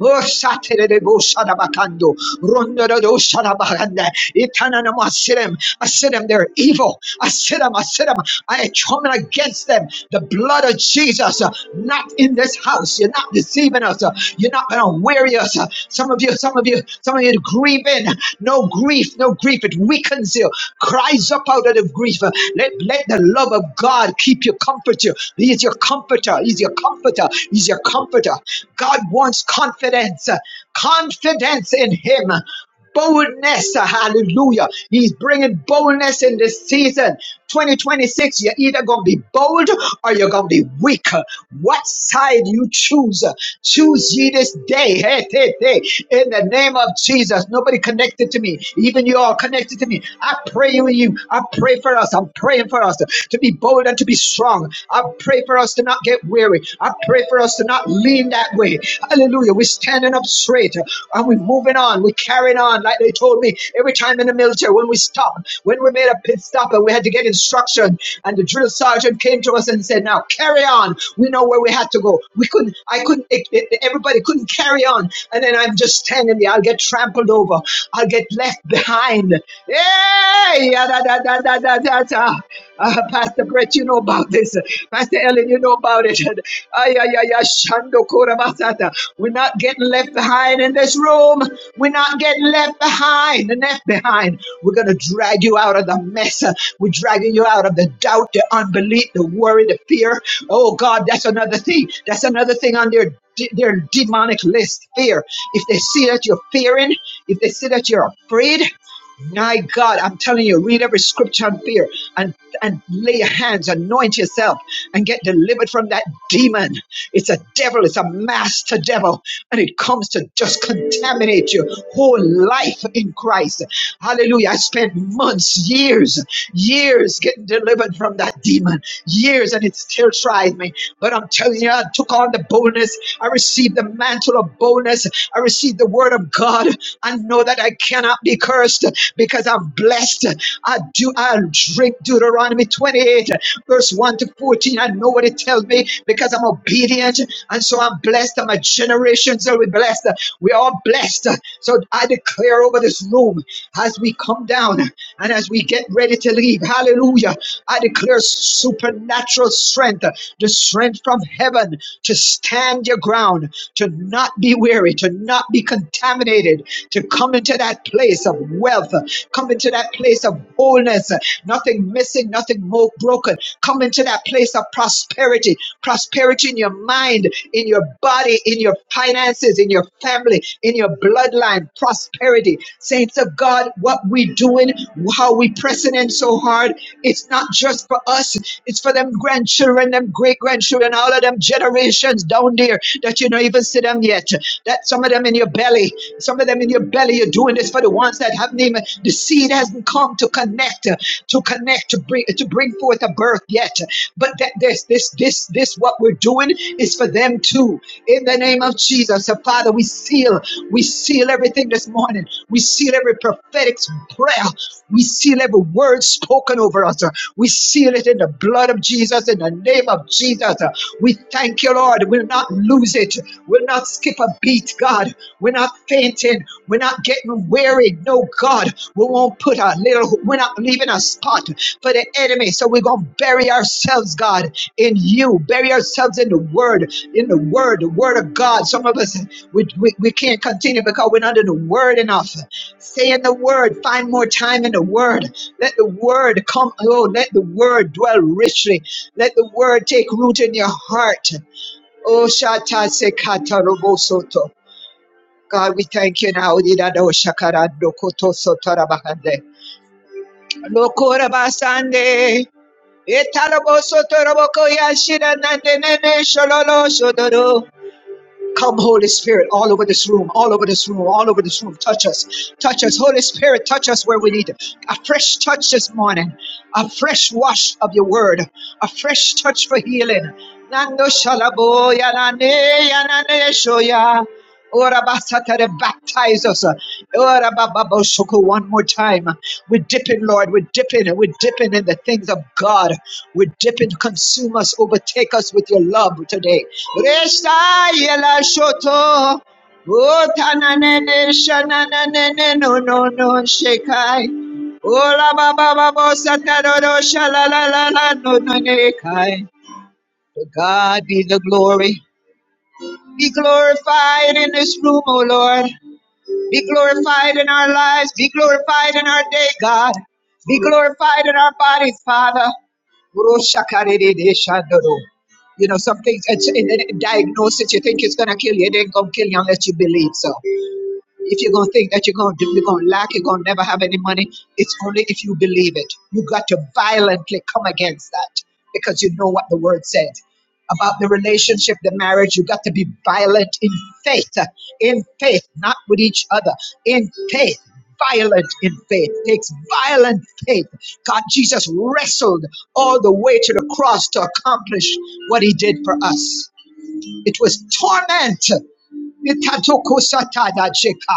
Speaker 4: Oh, shaterebo shadabakando. Rondododo shadabakanda. Itananamo asirim. Asirim, they're evil. Asirim, asirim. I come against them. The blood of Jesus, uh, not in this house. You're not deceiving us. uh, You're not going to weary us. uh, Some of you, some of you, some of you grieving. No grief, no grief. It weakens you. Cries up out of grief. Uh, Let, let the love of God keep you, comfort you. He is your comforter. He's your comforter. He's your comforter. God wants confidence. uh, Confidence in Him boldness. Hallelujah. He's bringing boldness in this season. 2026, you're either going to be bold or you're going to be weak. What side you choose? Choose ye this day. Hey, hey, hey. In the name of Jesus. Nobody can connected to me. Even you all connected to me. I pray with you. I pray for us. I'm praying for us to be bold and to be strong. I pray for us to not get weary. I pray for us to not lean that way. Hallelujah. We're standing up straight uh, and we're moving on. We're carrying on. Like they told me every time in the military, when we stopped, when we made a pit stop and we had to get instruction, and the drill sergeant came to us and said, Now carry on. We know where we had to go. We couldn't, I couldn't, it, it- everybody couldn't carry on. And then I'm just standing there. I'll get trampled over. I'll get left behind. Hey, yeah, da, da, da, da, da, da, da. Uh, Pastor Brett, you know about this. Pastor Ellen, you know about it. Ay, ay, ay, ay, shando kora basata. We're not getting left behind in this room. We're not getting left behind and left behind. We're going to drag you out of the mess. We're dragging you out of the doubt, the unbelief, the worry, the fear. Oh, God, that's another thing. That's another thing on their, their demonic list fear if they see that you're fearing, if they see that you're afraid, my God, I'm telling you, read every scripture on fear and, and lay your hands, anoint yourself, and get delivered from that demon. It's a devil, it's a master devil, and it comes to just contaminate your whole life in Christ. Hallelujah. I spent months, years, years getting delivered from that demon, years, and it still tries me. But I'm telling you, I took on the boldness. I received the mantle of boldness. I received the word of God. I know that I cannot be cursed because I'm blessed. I do. I drink Deuteronomy 28, verse 1 to 14. I know what it tells me because I'm obedient, and so I'm blessed. And my generations will be blessed. We are blessed. So I declare over this room as we come down and as we get ready to leave. Hallelujah. I declare supernatural strength, the strength from heaven to stand your ground, to not be weary, to not be contaminated, to come into that place of wealth, come into that place of wholeness, nothing missing, nothing more broken. Come into that place of prosperity, prosperity in your mind, in your body, in your finances, in your family, in your bloodline, prosperity. Saints of God, what we doing, how we pressing in so hard, it's not just for us, it's for them grandchildren, them great grandchildren, all of them generations down there that you don't even see them yet. That some of them in your belly, some of them in your belly, you're doing this for the ones that have happening. The seed hasn't come to connect, uh, to connect, to bring to bring forth a birth yet. But that this this this this what we're doing is for them too. In the name of Jesus, so Father, we seal, we seal everything this morning. We seal every prophetic prayer. We seal every word spoken over us. Uh, We seal it in the blood of Jesus, in the name of Jesus. We thank you, Lord. We'll not lose it. We'll not skip a beat, God. We're not fainting. We're not getting weary. No, God. We won't put a little, we're not leaving a spot for the enemy. So we're going to bury ourselves, God, in you. Bury ourselves in the word, in the word, the word of God. Some of us, we, we, we can't continue because we're not in the word enough. Stay in the word. Find more time in the word. Let the word come. Oh, let the word dwell richly let the word take root in your heart. Oh, Shata Sekata Robosoto. God, we thank you now. Didado Shakarando Koto Sotarabahande. Lokorabasande. Etarabosoto Roboko Yashira Nande Nene Shololo Shodoro. Come, Holy Spirit, all over this room, all over this room, all over this room. Touch us. Touch us. Holy Spirit, touch us where we need it. A fresh touch this morning. A fresh wash of your word. A fresh touch for healing. Nando shalaboya nane yanane shoya. Ora basatare, Baptize us. Ora bababo shoko One more time. We're dipping, Lord. We're dipping. We're dipping in the things of God. We're dipping. Consume us. Overtake us with your love today. Resta yela shoto. Otananene shananene no no no shekai. O la ba Ola baba babo sataroro shalalala no no nekai. To God be the glory. Be glorified in this room, O Lord. Be glorified in our lives. Be glorified in our day, God. Be glorified in our bodies, Father. Roshakarideshandoro. You know, some things, it's in in diagnosis, you think it's going to kill you, it ain't going to kill you unless you believe so. If you're gonna think that you're gonna you're gonna lack, you're gonna never have any money, it's only if you believe it. You got to violently come against that because you know what the word said about the relationship, the marriage. You got to be violent in faith, in faith, not with each other, in faith. Violent in faith takes violent faith. God, Jesus wrestled all the way to the cross to accomplish what he did for us. It was torment. Itatokosatajeka.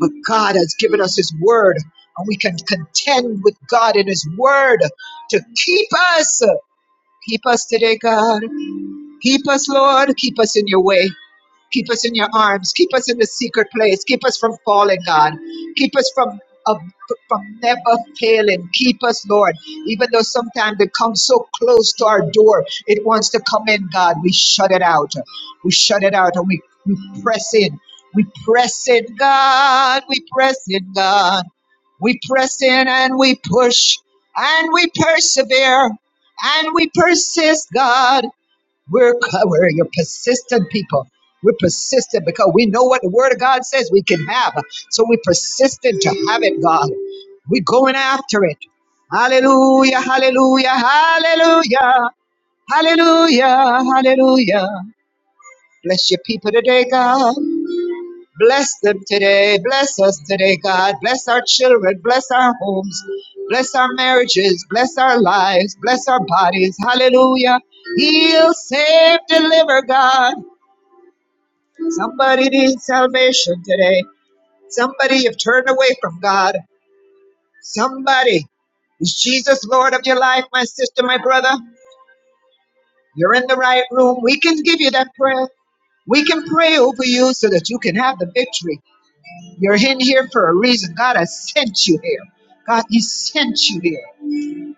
Speaker 4: But God has given us His word, and we can contend with God in His word to keep us. Keep us today, God. Keep us, Lord. Keep us in your way. Keep us in your arms. Keep us in the secret place. Keep us from falling, God. Keep us from of- from never failing. Keep us, Lord. Even though sometimes it comes so close to our door, it wants to come in, God. We shut it out. We shut it out and we, we press in. We press in, God. We press in, God. We press in and we push and we persevere and we persist, God. We're, we're your persistent people. We're persistent because we know what the Word of God says we can have. So we're persistent to have it, God. We're going after it. Hallelujah, hallelujah, hallelujah, hallelujah, hallelujah. Bless your people today, God. Bless them today. Bless us today, God. Bless our children. Bless our homes. Bless our marriages. Bless our lives. Bless our bodies. Hallelujah. Heal, save, deliver, God. Somebody needs salvation today. Somebody you've turned away from God. Somebody is Jesus Lord of your life, my sister, my brother? You're in the right room. We can give you that prayer. We can pray over you so that you can have the victory. You're in here for a reason. God has sent you here. God, He sent you here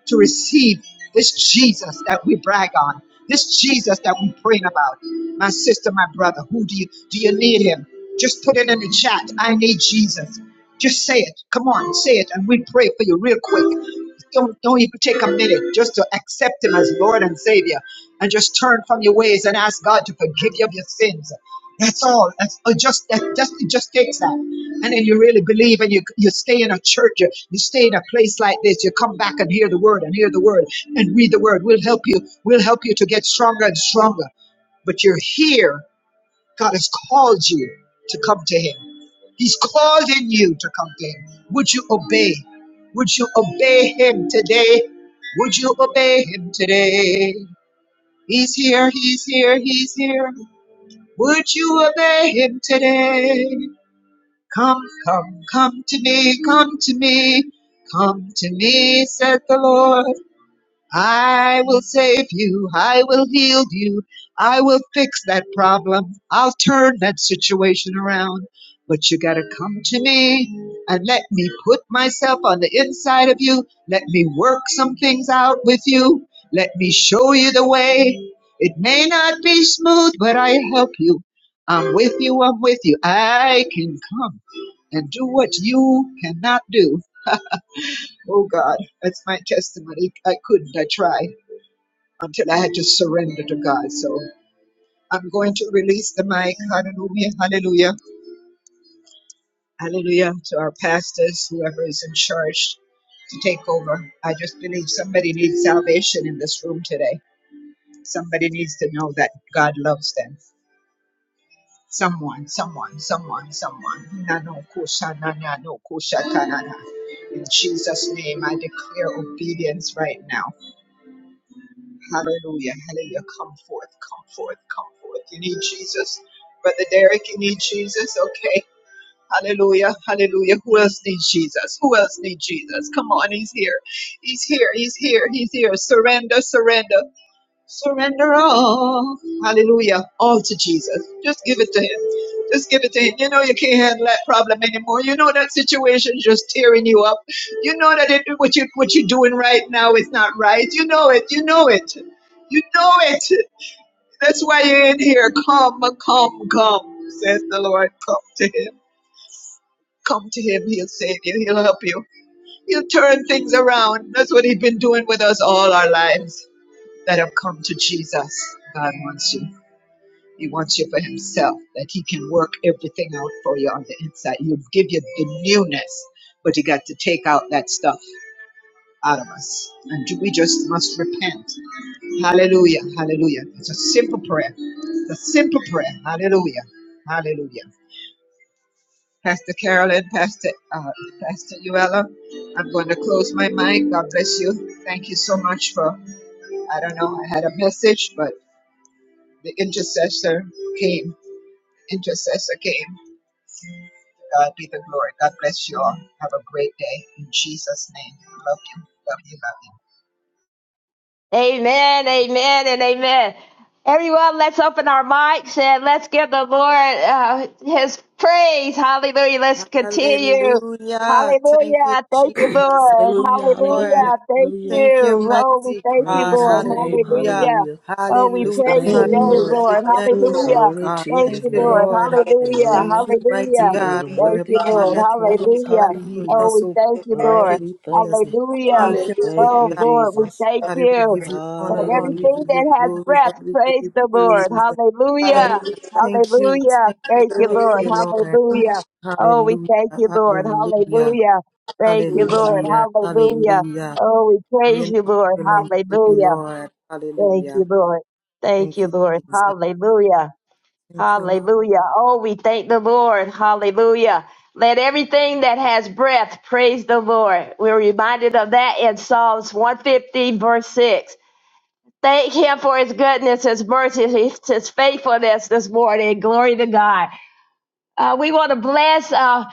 Speaker 4: to receive this Jesus that we brag on, this Jesus that we praying about. My sister, my brother, who do you do you need him? Just put it in the chat. I need Jesus. Just say it. Come on, say it, and we pray for you real quick. Don't don't even take a minute just to accept him as Lord and Savior and just turn from your ways and ask God to forgive you of your sins. That's all. That's uh, just that. Just it just takes that, and then you really believe, and you you stay in a church, you, you stay in a place like this. You come back and hear the word, and hear the word, and read the word. We'll help you. We'll help you to get stronger and stronger. But you're here. God has called you to come to Him. He's called in you to come to Him. Would you obey? Would you obey Him today? Would you obey Him today? He's here. He's here. He's here. Would you obey him today? Come, come, come to me, come to me, come to me, said the Lord. I will save you. I will heal you. I will fix that problem. I'll turn that situation around. But you got to come to me and let me put myself on the inside of you. Let me work some things out with you. Let me show you the way. It may not be smooth, but I help you. I'm with you. I'm with you. I can come and do what you cannot do. Oh God, that's my testimony. I couldn't. I tried until I had to surrender to God. So I'm going to release the mic. Hallelujah, hallelujah, hallelujah to our pastors, whoever is in charge to take over. I just believe somebody needs salvation in this room today. Somebody needs to know that God loves them. Someone, someone, someone, someone. Na no kusha na na no kusha ta na na. In Jesus' name, I declare obedience right now. Hallelujah. Hallelujah. Come forth. Come forth. Come forth. You need Jesus. Brother Derek, you need Jesus. Okay. Hallelujah. Hallelujah. Who else needs Jesus? Who else needs Jesus? Come on. He's here. He's here. He's here. He's here. Surrender. Surrender. Surrender all. Hallelujah. All to Jesus. Just give it to him. Just give it to him. You know you can't handle that problem anymore. You know that situation's just tearing you up. You know that it, what you what you're doing right now is not right. You know it. You know it. You know it. That's why you're in here. Come, come, come, says the Lord. Come to him. Come to him. He'll save you. He'll help you. He'll turn things around. That's what he's been doing with us all our lives that have come to Jesus. God wants you. He wants you for himself, that he can work everything out for you on the inside. He'll give you the newness, but he got to take out that stuff out of us. And we just must repent. Hallelujah. Hallelujah. It's a simple prayer. It's a simple prayer. Hallelujah. Hallelujah. Pastor Carolyn, Pastor uh, Pastor Uella, I'm going to close my mic. God bless you. Thank you so much for I don't know, I had a message, but the intercessor came. Intercessor came. God be the glory. God bless you all. Have a great day. In Jesus' name. Love you. Love you. Love you.
Speaker 3: Amen, amen, and amen. Everyone, let's open our mics and let's give the Lord uh, His praise. Hallelujah. Let's continue.
Speaker 8: Hallelujah. Thank you,
Speaker 3: Hallelujah. Thank you,
Speaker 8: Jesus.
Speaker 3: Lord.
Speaker 8: Thank you,
Speaker 6: Hallelujah,
Speaker 3: Hallelujah.
Speaker 6: hallelujah,
Speaker 8: Lord.
Speaker 3: Thank
Speaker 6: hallelujah.
Speaker 8: Thank you,
Speaker 3: you. Oh, we
Speaker 8: mighty
Speaker 3: thank you,
Speaker 8: God.
Speaker 6: Praise
Speaker 3: Lord.
Speaker 6: his name.
Speaker 8: Hallelujah.
Speaker 3: Hallelujah.
Speaker 6: Hallelujah.
Speaker 3: Oh, we
Speaker 6: Bless the
Speaker 8: Hallelujah.
Speaker 3: praise
Speaker 6: name
Speaker 3: your
Speaker 6: of
Speaker 8: Father,
Speaker 6: the
Speaker 8: we
Speaker 3: name,
Speaker 6: Lord.
Speaker 8: give you
Speaker 3: Lord.
Speaker 8: thanks,
Speaker 7: Hallelujah.
Speaker 8: oh
Speaker 3: Hallelujah.
Speaker 6: Glory
Speaker 8: God.
Speaker 6: to
Speaker 3: Thank
Speaker 6: his
Speaker 8: Thank
Speaker 3: you,
Speaker 8: you,
Speaker 3: Lord.
Speaker 6: name.
Speaker 7: Hallelujah.
Speaker 8: Lord.
Speaker 3: Hallelujah.
Speaker 7: Hallelujah.
Speaker 8: Thank
Speaker 6: Hallelujah.
Speaker 8: you, mighty
Speaker 3: Hallelujah.
Speaker 6: He
Speaker 7: Glory
Speaker 6: is
Speaker 8: God,
Speaker 7: be to
Speaker 8: for
Speaker 3: Thank
Speaker 8: the
Speaker 3: you,
Speaker 6: worthy
Speaker 7: God.
Speaker 6: to
Speaker 8: part
Speaker 3: Lord.
Speaker 6: be
Speaker 8: that you
Speaker 6: praised.
Speaker 7: Hallelujah.
Speaker 8: are
Speaker 3: Hallelujah.
Speaker 7: Thank
Speaker 8: leading
Speaker 3: Oh,
Speaker 6: Hallelujah.
Speaker 8: us,
Speaker 3: we
Speaker 8: oh
Speaker 3: thank
Speaker 7: you,
Speaker 3: you,
Speaker 7: are it.
Speaker 8: God.
Speaker 6: Lord,
Speaker 8: Thank
Speaker 3: Lord.
Speaker 6: we
Speaker 8: you,
Speaker 6: thank
Speaker 8: Jesus.
Speaker 6: you.
Speaker 3: Hallelujah.
Speaker 8: Thank you,
Speaker 6: Thank
Speaker 7: Hallelujah.
Speaker 3: Oh,
Speaker 8: mighty
Speaker 6: you,
Speaker 8: God.
Speaker 3: Lord, we
Speaker 6: Jesus.
Speaker 3: thank
Speaker 8: Father, we
Speaker 3: you.
Speaker 8: give you honor,
Speaker 3: Let
Speaker 7: Hallelujah.
Speaker 8: Lord. We
Speaker 6: Hallelujah.
Speaker 3: everything
Speaker 8: give you
Speaker 3: that has
Speaker 8: glory,
Speaker 3: breath
Speaker 8: Lord. We give
Speaker 3: praise
Speaker 8: you
Speaker 3: the Lord.
Speaker 8: praise. Father,
Speaker 3: Hallelujah.
Speaker 7: Hallelujah.
Speaker 8: thank you.
Speaker 3: Hallelujah.
Speaker 8: Thank you.
Speaker 3: Thank you,
Speaker 8: Thank
Speaker 7: Glory
Speaker 3: Lord.
Speaker 7: be
Speaker 8: you, Lord.
Speaker 3: Hallelujah. Oh, we thank
Speaker 8: Hallelujah,
Speaker 3: you, Lord.
Speaker 8: hallelujah,
Speaker 3: Hallelujah. Thank
Speaker 7: to
Speaker 3: you,
Speaker 7: God.
Speaker 3: Lord.
Speaker 8: hallelujah,
Speaker 3: Hallelujah.
Speaker 8: hallelujah.
Speaker 3: Oh, we
Speaker 8: Glory
Speaker 3: praise
Speaker 8: and
Speaker 3: you,
Speaker 8: honor
Speaker 3: Lord.
Speaker 8: belongs to you,
Speaker 3: Hallelujah.
Speaker 8: Lord.
Speaker 3: Thank
Speaker 8: Hallelujah.
Speaker 3: you, Lord. Thank
Speaker 8: Thank
Speaker 3: you,
Speaker 8: you,
Speaker 3: Lord.
Speaker 8: Jesus.
Speaker 3: Hallelujah.
Speaker 8: Thank you, Lord.
Speaker 3: Hallelujah. Oh, we thank the Lord. Hallelujah. Let everything that has breath praise the Lord. We're reminded of that in Psalms 150, verse 6. Thank him for his goodness, his mercy, his his faithfulness this morning. Glory to God. Uh, we want to bless. Uh,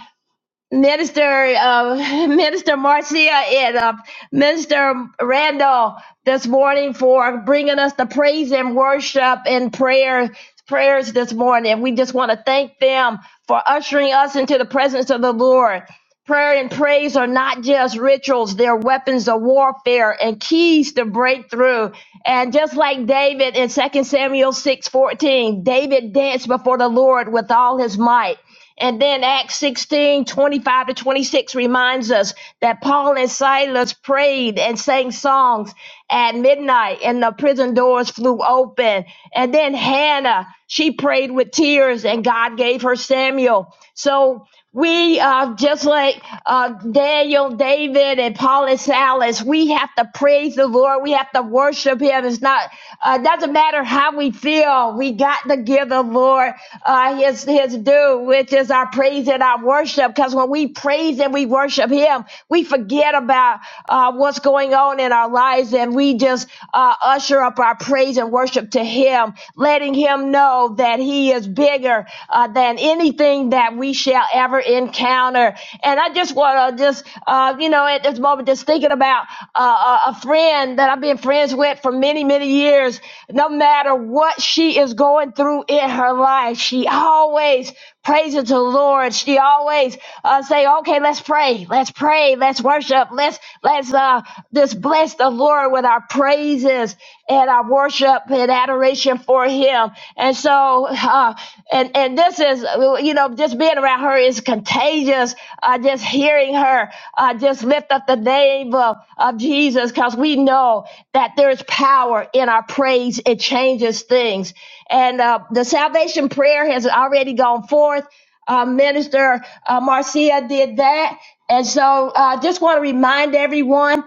Speaker 3: Minister uh, Minister Marcia and uh, Minister Randall this morning for bringing us the praise and worship and prayer prayers this morning. We just want to thank them for ushering us into the presence of the Lord. Prayer and praise are not just rituals; they're weapons of warfare and keys to breakthrough. And just like David in Second Samuel six fourteen, David danced before the Lord with all his might. And then Acts sixteen twenty five to 26 reminds us that Paul and Silas prayed and sang songs at midnight, and the prison doors flew open. And then Hannah, she prayed with tears, and God gave her Samuel. So we are just like uh, Daniel, David, and Paul and Silas. We have to praise the Lord. We have to worship Him. It's not uh, doesn't matter how we feel. We got to give the Lord uh, His His due, which is our praise and our worship. Because when we praise and we worship Him, we forget about uh, what's going on in our lives, and we just uh, usher up our praise and worship to Him, letting Him know that He he is bigger uh, than anything that we shall ever encounter. And I just want to just, uh, you know, at this moment, just thinking about uh, a a friend that I've been friends with for many, many years. No matter what she is going through in her life, she always Praise it to the Lord. She always uh, say, "Okay, let's pray, let's pray, let's worship, let's let's uh, just bless the Lord with our praises and our worship and adoration for Him." And so, uh, and and this is you know just being around her is contagious. Uh, just hearing her uh, just lift up the name of, of Jesus because we know that there is power in our praise. It changes things and uh, the salvation prayer has already gone forth. Uh, Minister uh, Marcia did that, and so I uh, just want to remind everyone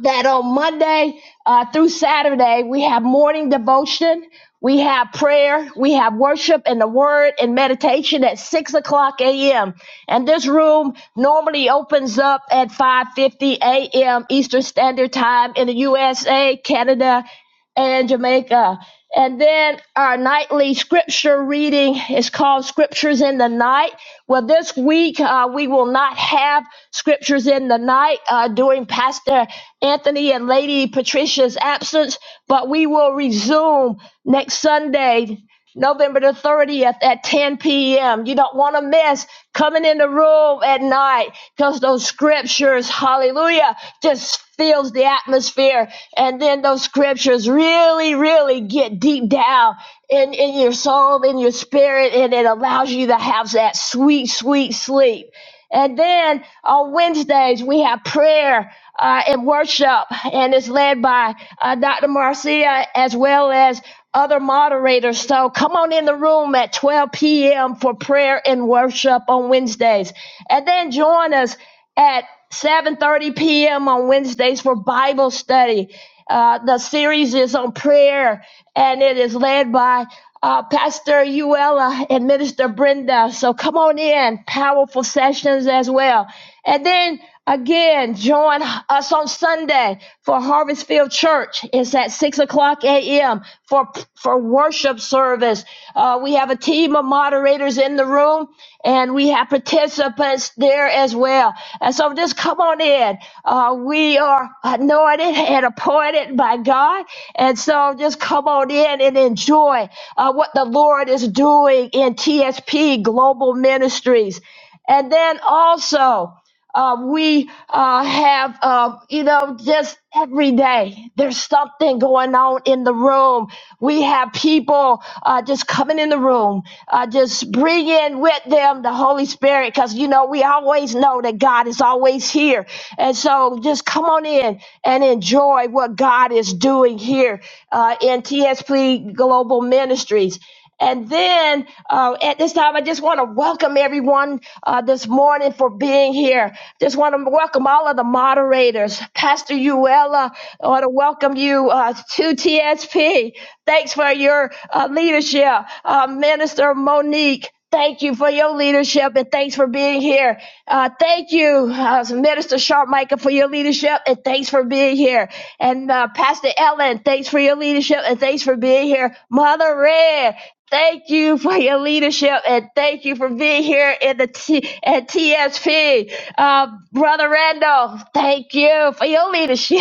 Speaker 3: that on Monday uh, through Saturday we have morning devotion, we have prayer, we have worship and the Word and meditation at six o'clock a.m. And this room normally opens up at five fifty a.m. Eastern Standard Time in the USA, Canada, and Jamaica. And then our nightly scripture reading is called Scriptures in the Night. Well, this week uh, we will not have Scriptures in the Night uh, during Pastor Anthony and Lady Patricia's absence, but we will resume next Sunday November the 30th at 10 p.m. You don't want to miss coming in the room at night because those scriptures, hallelujah, just fills the atmosphere. And then those scriptures really, really get deep down in, in your soul, in your spirit, and it allows you to have that sweet, sweet sleep. And then on Wednesdays, we have prayer uh, and worship, and it's led by uh, Dr. Marcia as well as other moderators. So come on in the room at 12 p.m. for prayer and worship on Wednesdays. And then join us at 7:30 p.m. on Wednesdays for Bible study. Uh, the series is on prayer, and it is led by uh, Pastor Uella and Minister Brenda. So come on in, powerful sessions as well. And then again, join us on Sunday for Harvest Field Church. It's at six o'clock a.m. for for worship service. Uh, we we have a team of moderators in the room and we have participants there as well. And so just come on in. Uh, we are anointed and appointed by God. And so just come on in and enjoy uh, what the Lord is doing in TSP Global Ministries. And then also, uh, we uh, have, uh, you know, just every day there's something going on in the room. We have people uh, just coming in the room, uh, just bring in with them the Holy Spirit, because, you know, we always know that God is always here. And so just come on in and enjoy what God is doing here uh, in TSP Global Ministries. And then uh, at this time, I just want to welcome everyone uh, this morning for being here. Just want to welcome all of the moderators. Pastor Uella, I want to welcome you uh, to TSP. Thanks for your uh, leadership. Uh, Minister Monique, thank you for your leadership and thanks for being here. Uh, thank you, uh, Minister Sharp Micah, for your leadership and thanks for being here. And uh, Pastor Ellen, thanks for your leadership and thanks for being here. Mother Red, Thank you for your leadership and thank you for being here in the T- at TSP. Uh, Brother Randall, thank you for your leadership.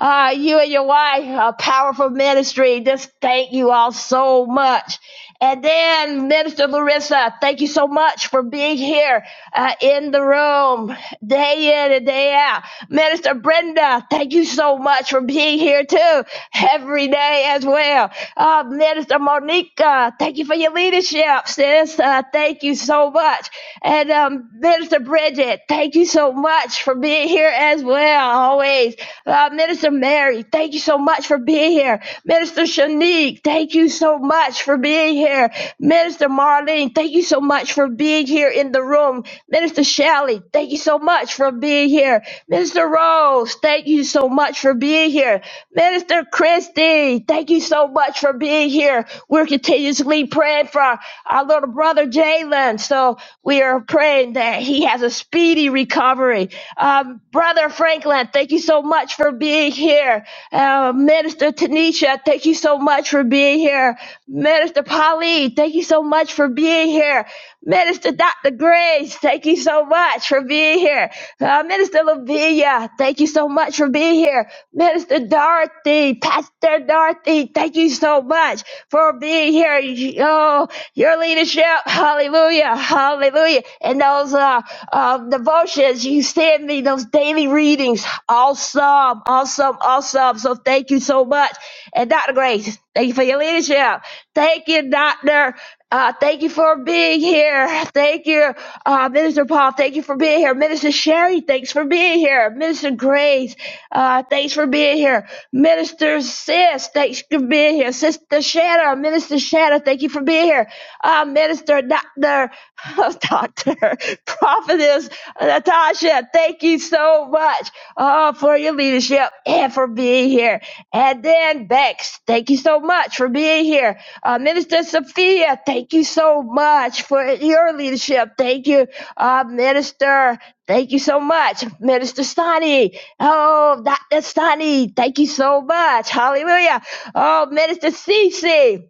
Speaker 3: Uh, you and your wife, a powerful ministry. Just thank you all so much. And then, Minister Larissa, thank you so much for being here uh, in the room day in and day out. Minister Brenda, thank you so much for being here too every day as well. Uh, Minister Monica, thank you for your leadership, sis. Uh, thank you so much. And um, Minister Bridget, thank you so much for being here as well, always. Uh, Minister Mary, thank you so much for being here. Minister Shanique, thank you so much for being here. Minister Marlene, thank you so much for being here in the room. Minister Shelley, thank you so much for being here. Minister Rose, thank you so much for being here. Minister Christie, thank you so much for being here. We're continuously praying for our our little brother Jalen. So we are praying that he has a speedy recovery. Um, Brother Franklin, thank you so much for being here. Uh, Minister Tanisha, thank you so much for being here. Minister Polly, thank you so much for being here. Minister Dr. Grace, thank you so much for being here. Uh, Minister Lavinia, thank you so much for being here. Minister Dorothy, Pastor Dorothy, thank you so much for being here. Oh your leadership. Hallelujah. Hallelujah. And those uh, uh, devotions, you send me those daily readings. Awesome. Awesome. Awesome. So thank you so much. And Dr. Grace, thank you for your leadership. Thank you, Dr. Uh, thank you for being here. Thank you. Uh, Minister Paul, thank you for being here. Minister Sherry, thanks for being here. Minister Grace, uh, thanks for being here. Minister Sis, thanks for being here. Sister Shanna, Minister Shanna, thank you for being here. Uh, Minister Doctor, Doctor, leader, Prophetess Natasha, thank you so much uh, for your leadership and for being here. And then Bex, thank you so much for being here. Uh, Minister Sophia, thank you so much for your leadership. Thank you, uh, Minister. Thank you so much, Minister Sonny. Oh, Dr. Sonny, thank you so much. Hallelujah. Oh, Minister Cece.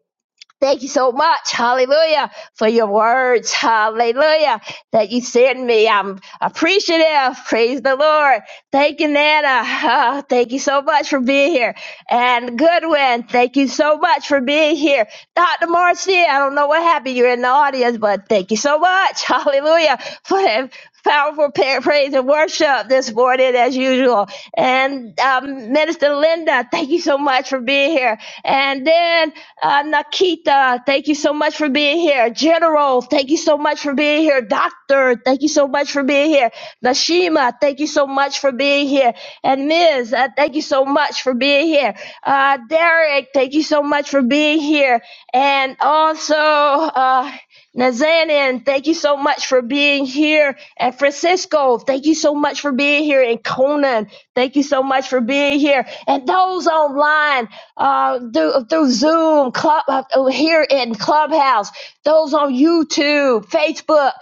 Speaker 3: Thank you so much, hallelujah, for your words, hallelujah, that you sent me. I'm appreciative, praise the Lord. Thank you, Nana. Ah, thank you so much for being here. And Goodwin, thank you so much for being here. Dr. Marcia, I don't know what happened. You're in the audience, but thank you so much, hallelujah, for that powerful pa- praise and worship this morning, as usual. And um, Minister Linda, thank you so much for being here. And then uh, Nakita, thank you so much for being here. General, thank you so much for being here. Doctor, thank you so much for being here. Nashima, thank you so much for being here. And Ms., uh, thank you so much for being here. Uh, Derek, thank you so much for being here. And also, uh, Nazanin, thank you so much for being here. And Francisco, thank you so much for being here. And Conan, thank you so much for being here. And those online, uh, through, through Zoom, Club, uh, here in Clubhouse, those on YouTube, Facebook.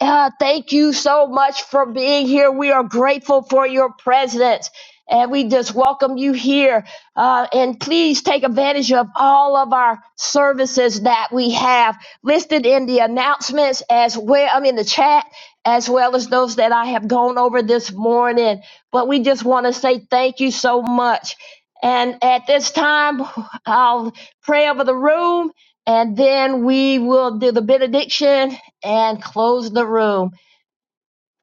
Speaker 3: Uh, thank you so much for being here. We are grateful for your presence. And we just welcome you here. Uh, and please take advantage of all of our services that we have listed in the announcements as well, I mean, the chat, as well as those that I have gone over this morning. But we just want to say thank you so much. And at this time, I'll pray over the room and then we will do the benediction and close the room.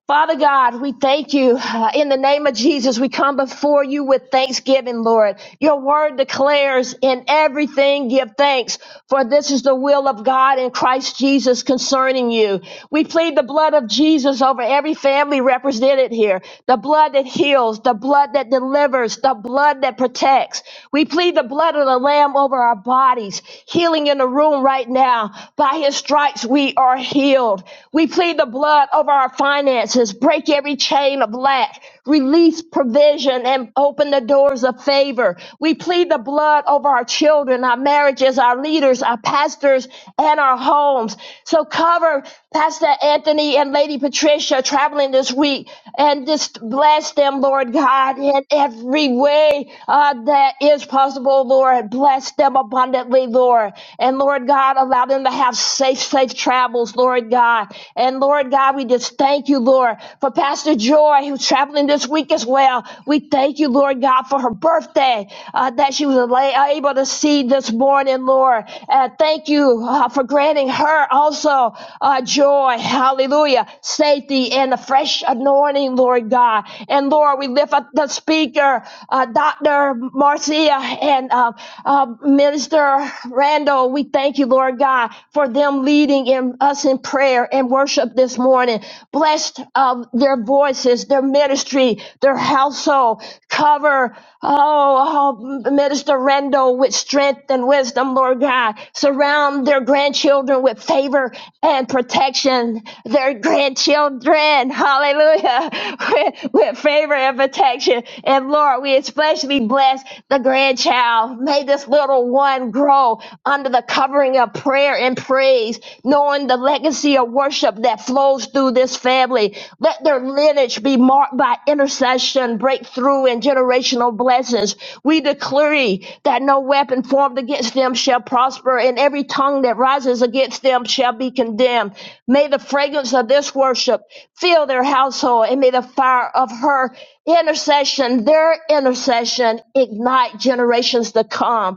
Speaker 3: Father God, we thank you. Uh, In the name of Jesus, we come before you with thanksgiving, Lord. Your word declares in everything give thanks, for this is the will of God in Christ Jesus concerning you. We plead the blood of Jesus over every family represented here, the blood that heals, the blood that delivers, the blood that protects. We plead the blood of the Lamb over our bodies, healing in the room right now. By his stripes, we are healed. We plead the blood over our finances. Break every chain of lack. Release provision and open the doors of favor. We plead the blood over our children, our marriages, our leaders, our pastors, and our homes. So cover Pastor Anthony and Lady Patricia traveling this week and just bless them, Lord God, in every way uh, that is possible, Lord. Bless them abundantly, Lord. And Lord God, allow them to have safe, safe travel travels, Lord God. And Lord God, we just thank you, Lord, for Pastor Joy, who's traveling this week as well. We thank you, Lord God, for her birthday uh, that she was ala- able to see this morning, Lord. Uh, thank you uh, for granting her also uh, joy, hallelujah, safety, and a fresh anointing, Lord God. And Lord, we lift up the speaker, uh, Dr. Marcia and uh, uh, Minister Randall. We thank you, Lord God. God, for them leading in, us in prayer and worship this morning. Blessed of their voices, their ministry, their household. Cover, oh, oh, Minister Rendo with strength and wisdom, Lord God. Surround their grandchildren with favor and protection. Their grandchildren, hallelujah, with, with favor and protection. And Lord, we especially bless the grandchild. May this little one grow under the covering of prayer and praise, knowing the legacy of worship that flows through this family. Let their lineage be marked by intercession, breakthrough, and generational blessings. We decree that no weapon formed against them shall prosper, and every tongue that rises against them shall be condemned. May the fragrance of this worship fill their household, and may the fire of her intercession, their intercession, ignite generations to come.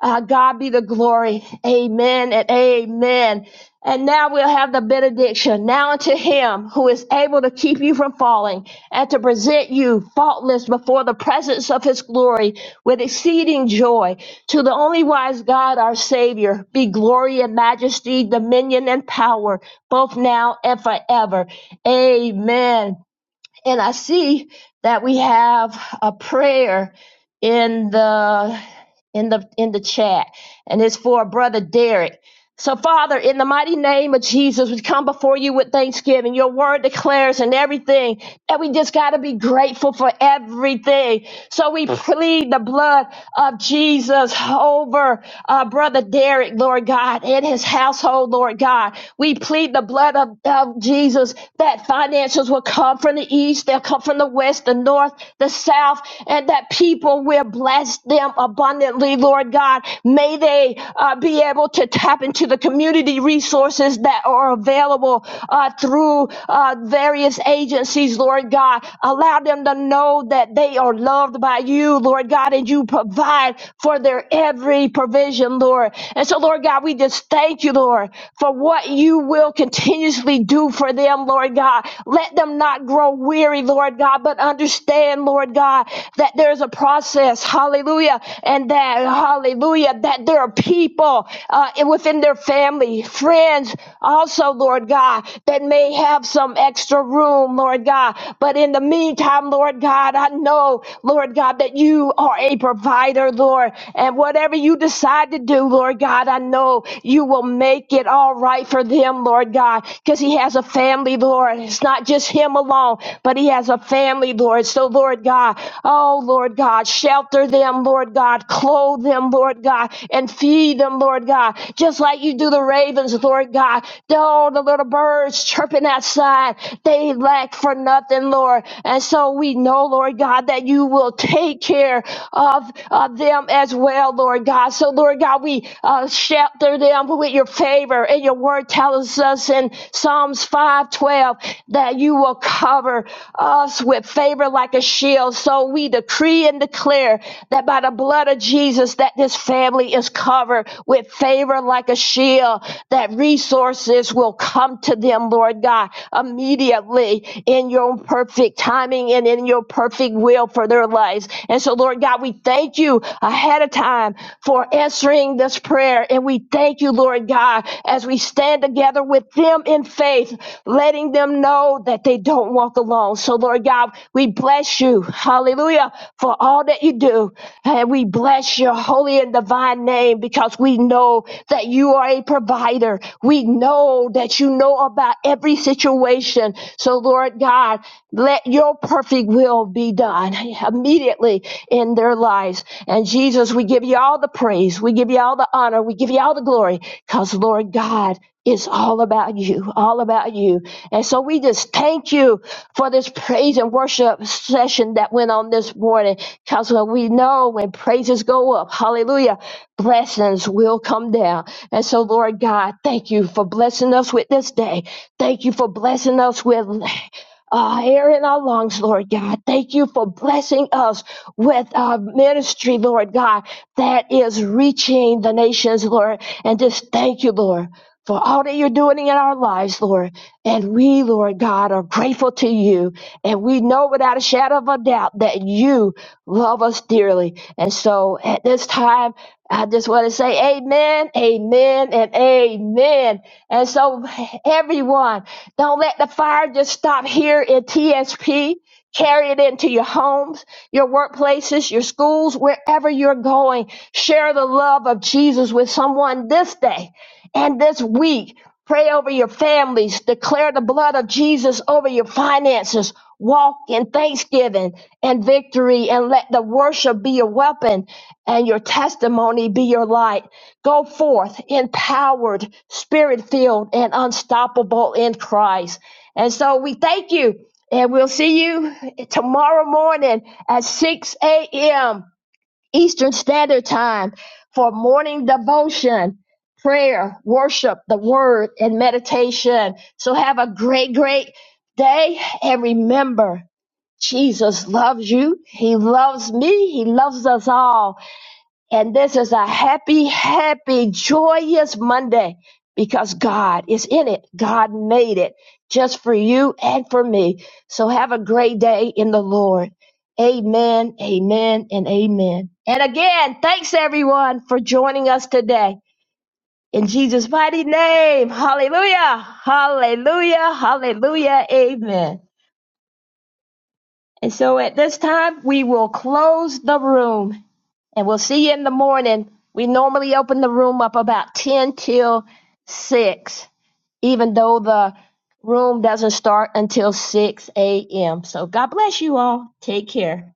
Speaker 3: Uh, God be the glory. Amen and amen. And now we'll have the benediction. Now unto him who is able to keep you from falling and to present you faultless before the presence of his glory with exceeding joy. To the only wise God, our Savior, be glory and majesty, dominion and power, both now and forever. Amen. And I see that we have a prayer in the in the in the chat, and it's for brother Derek. So, Father, in the mighty name of Jesus, we come before you with thanksgiving. Your word declares and everything that we just got to be grateful for everything. So, we plead the blood of Jesus over uh, Brother Derek, Lord God, and his household, Lord God. We plead the blood of, of Jesus that financials will come from the east, they'll come from the west, the north, the south, and that people will bless them abundantly, Lord God. May they uh, be able to tap into the community resources that are available uh, through uh, various agencies, Lord God. Allow them to know that they are are loved by you, Lord God, and you provide for their every provision, Lord. And so, Lord God, we just thank you, Lord, for what you will continuously do for them, Lord God. Let them not grow weary, Lord God, but understand, Lord God, that there's a process, hallelujah, and that, hallelujah, that there are people uh, within their family, friends, also, Lord God, that may have some some extra room, Lord God. But in the meantime, Lord God, I know, Lord God, that you are a provider, Lord. And whatever you decide to do, Lord God, I know you will make it all right for them, Lord God, because he has a family, Lord. It's not just him alone, but he has a family, Lord. So, Lord God, oh, Lord God, shelter them, Lord God, clothe them, Lord God, and feed them, Lord God just like you do the ravens, Lord God. All the little birds chirping outside, they lack for nothing, Lord. And so we know, Lord God, that you will take care of, of them as well, Lord God. So, Lord God, we uh, shelter them with your favor. And your word tells us in Psalms 512 that you will cover us with favor like a shield. So we decree and declare that by the blood of Jesus that this family is covered with favor like a shield, that resources will come to them, Lord God, immediately in your perfect timing and in your perfect will for their lives. And so, Lord God, we thank you ahead of time for answering this prayer. And we thank you, Lord God, as we stand together with them in faith, letting them know that they don't walk alone walk alone. So, Lord God, we bless you. Hallelujah. For all that you do. And we bless your holy and divine name because we know that you are a provider. We know that you know about every situation. So, Lord God, let your perfect will be done immediately in their lives. And Jesus, we give you all the praise. We give you all the honor. We give you all the glory because, Lord God, it's all about you, all about you. And so we just thank you for this praise and worship session that went on this morning. Because we know when praises go up, hallelujah, blessings will come down. And so, Lord God, thank you for blessing us with this day. Thank you for blessing us with. Uh, air in our lungs, Lord God. Thank you for blessing us with our ministry, Lord God, that is reaching the nations, Lord. And just thank you, Lord for all that you're doing in our lives, Lord. And we, Lord God, are grateful to you. And we know without a shadow of a doubt that you love us dearly. And so at this time, I just want to say amen, amen, and amen. And so, everyone, don't let the fire just stop here in TSP. Carry it into your homes, your workplaces, your schools, wherever you're going. Share the love of Jesus with someone this day and this week, pray over your families, declare the blood of Jesus over your finances, walk in thanksgiving and victory, and let the worship be your weapon and your testimony be your light. Go forth empowered, spirit filled, and unstoppable in Christ. And so we thank you, and we'll see you tomorrow morning at 6 a.m. Eastern Standard Time for morning devotion, prayer, worship, the word, and meditation. So have a great, great day. And remember, Jesus loves you. He loves me. He loves us all. And this is a happy, happy, joyous Monday because God is in it. God made it just for you and for me. So have a great day in the Lord. Amen, amen, and amen. And again, thanks everyone for joining us today. In Jesus' mighty name, hallelujah, hallelujah, hallelujah, amen. And so at this time, we will close the room and we'll see you in the morning. We normally open the room up about 10 till 6, even though the room doesn't start until 6 a.m. So God bless you all. Take care.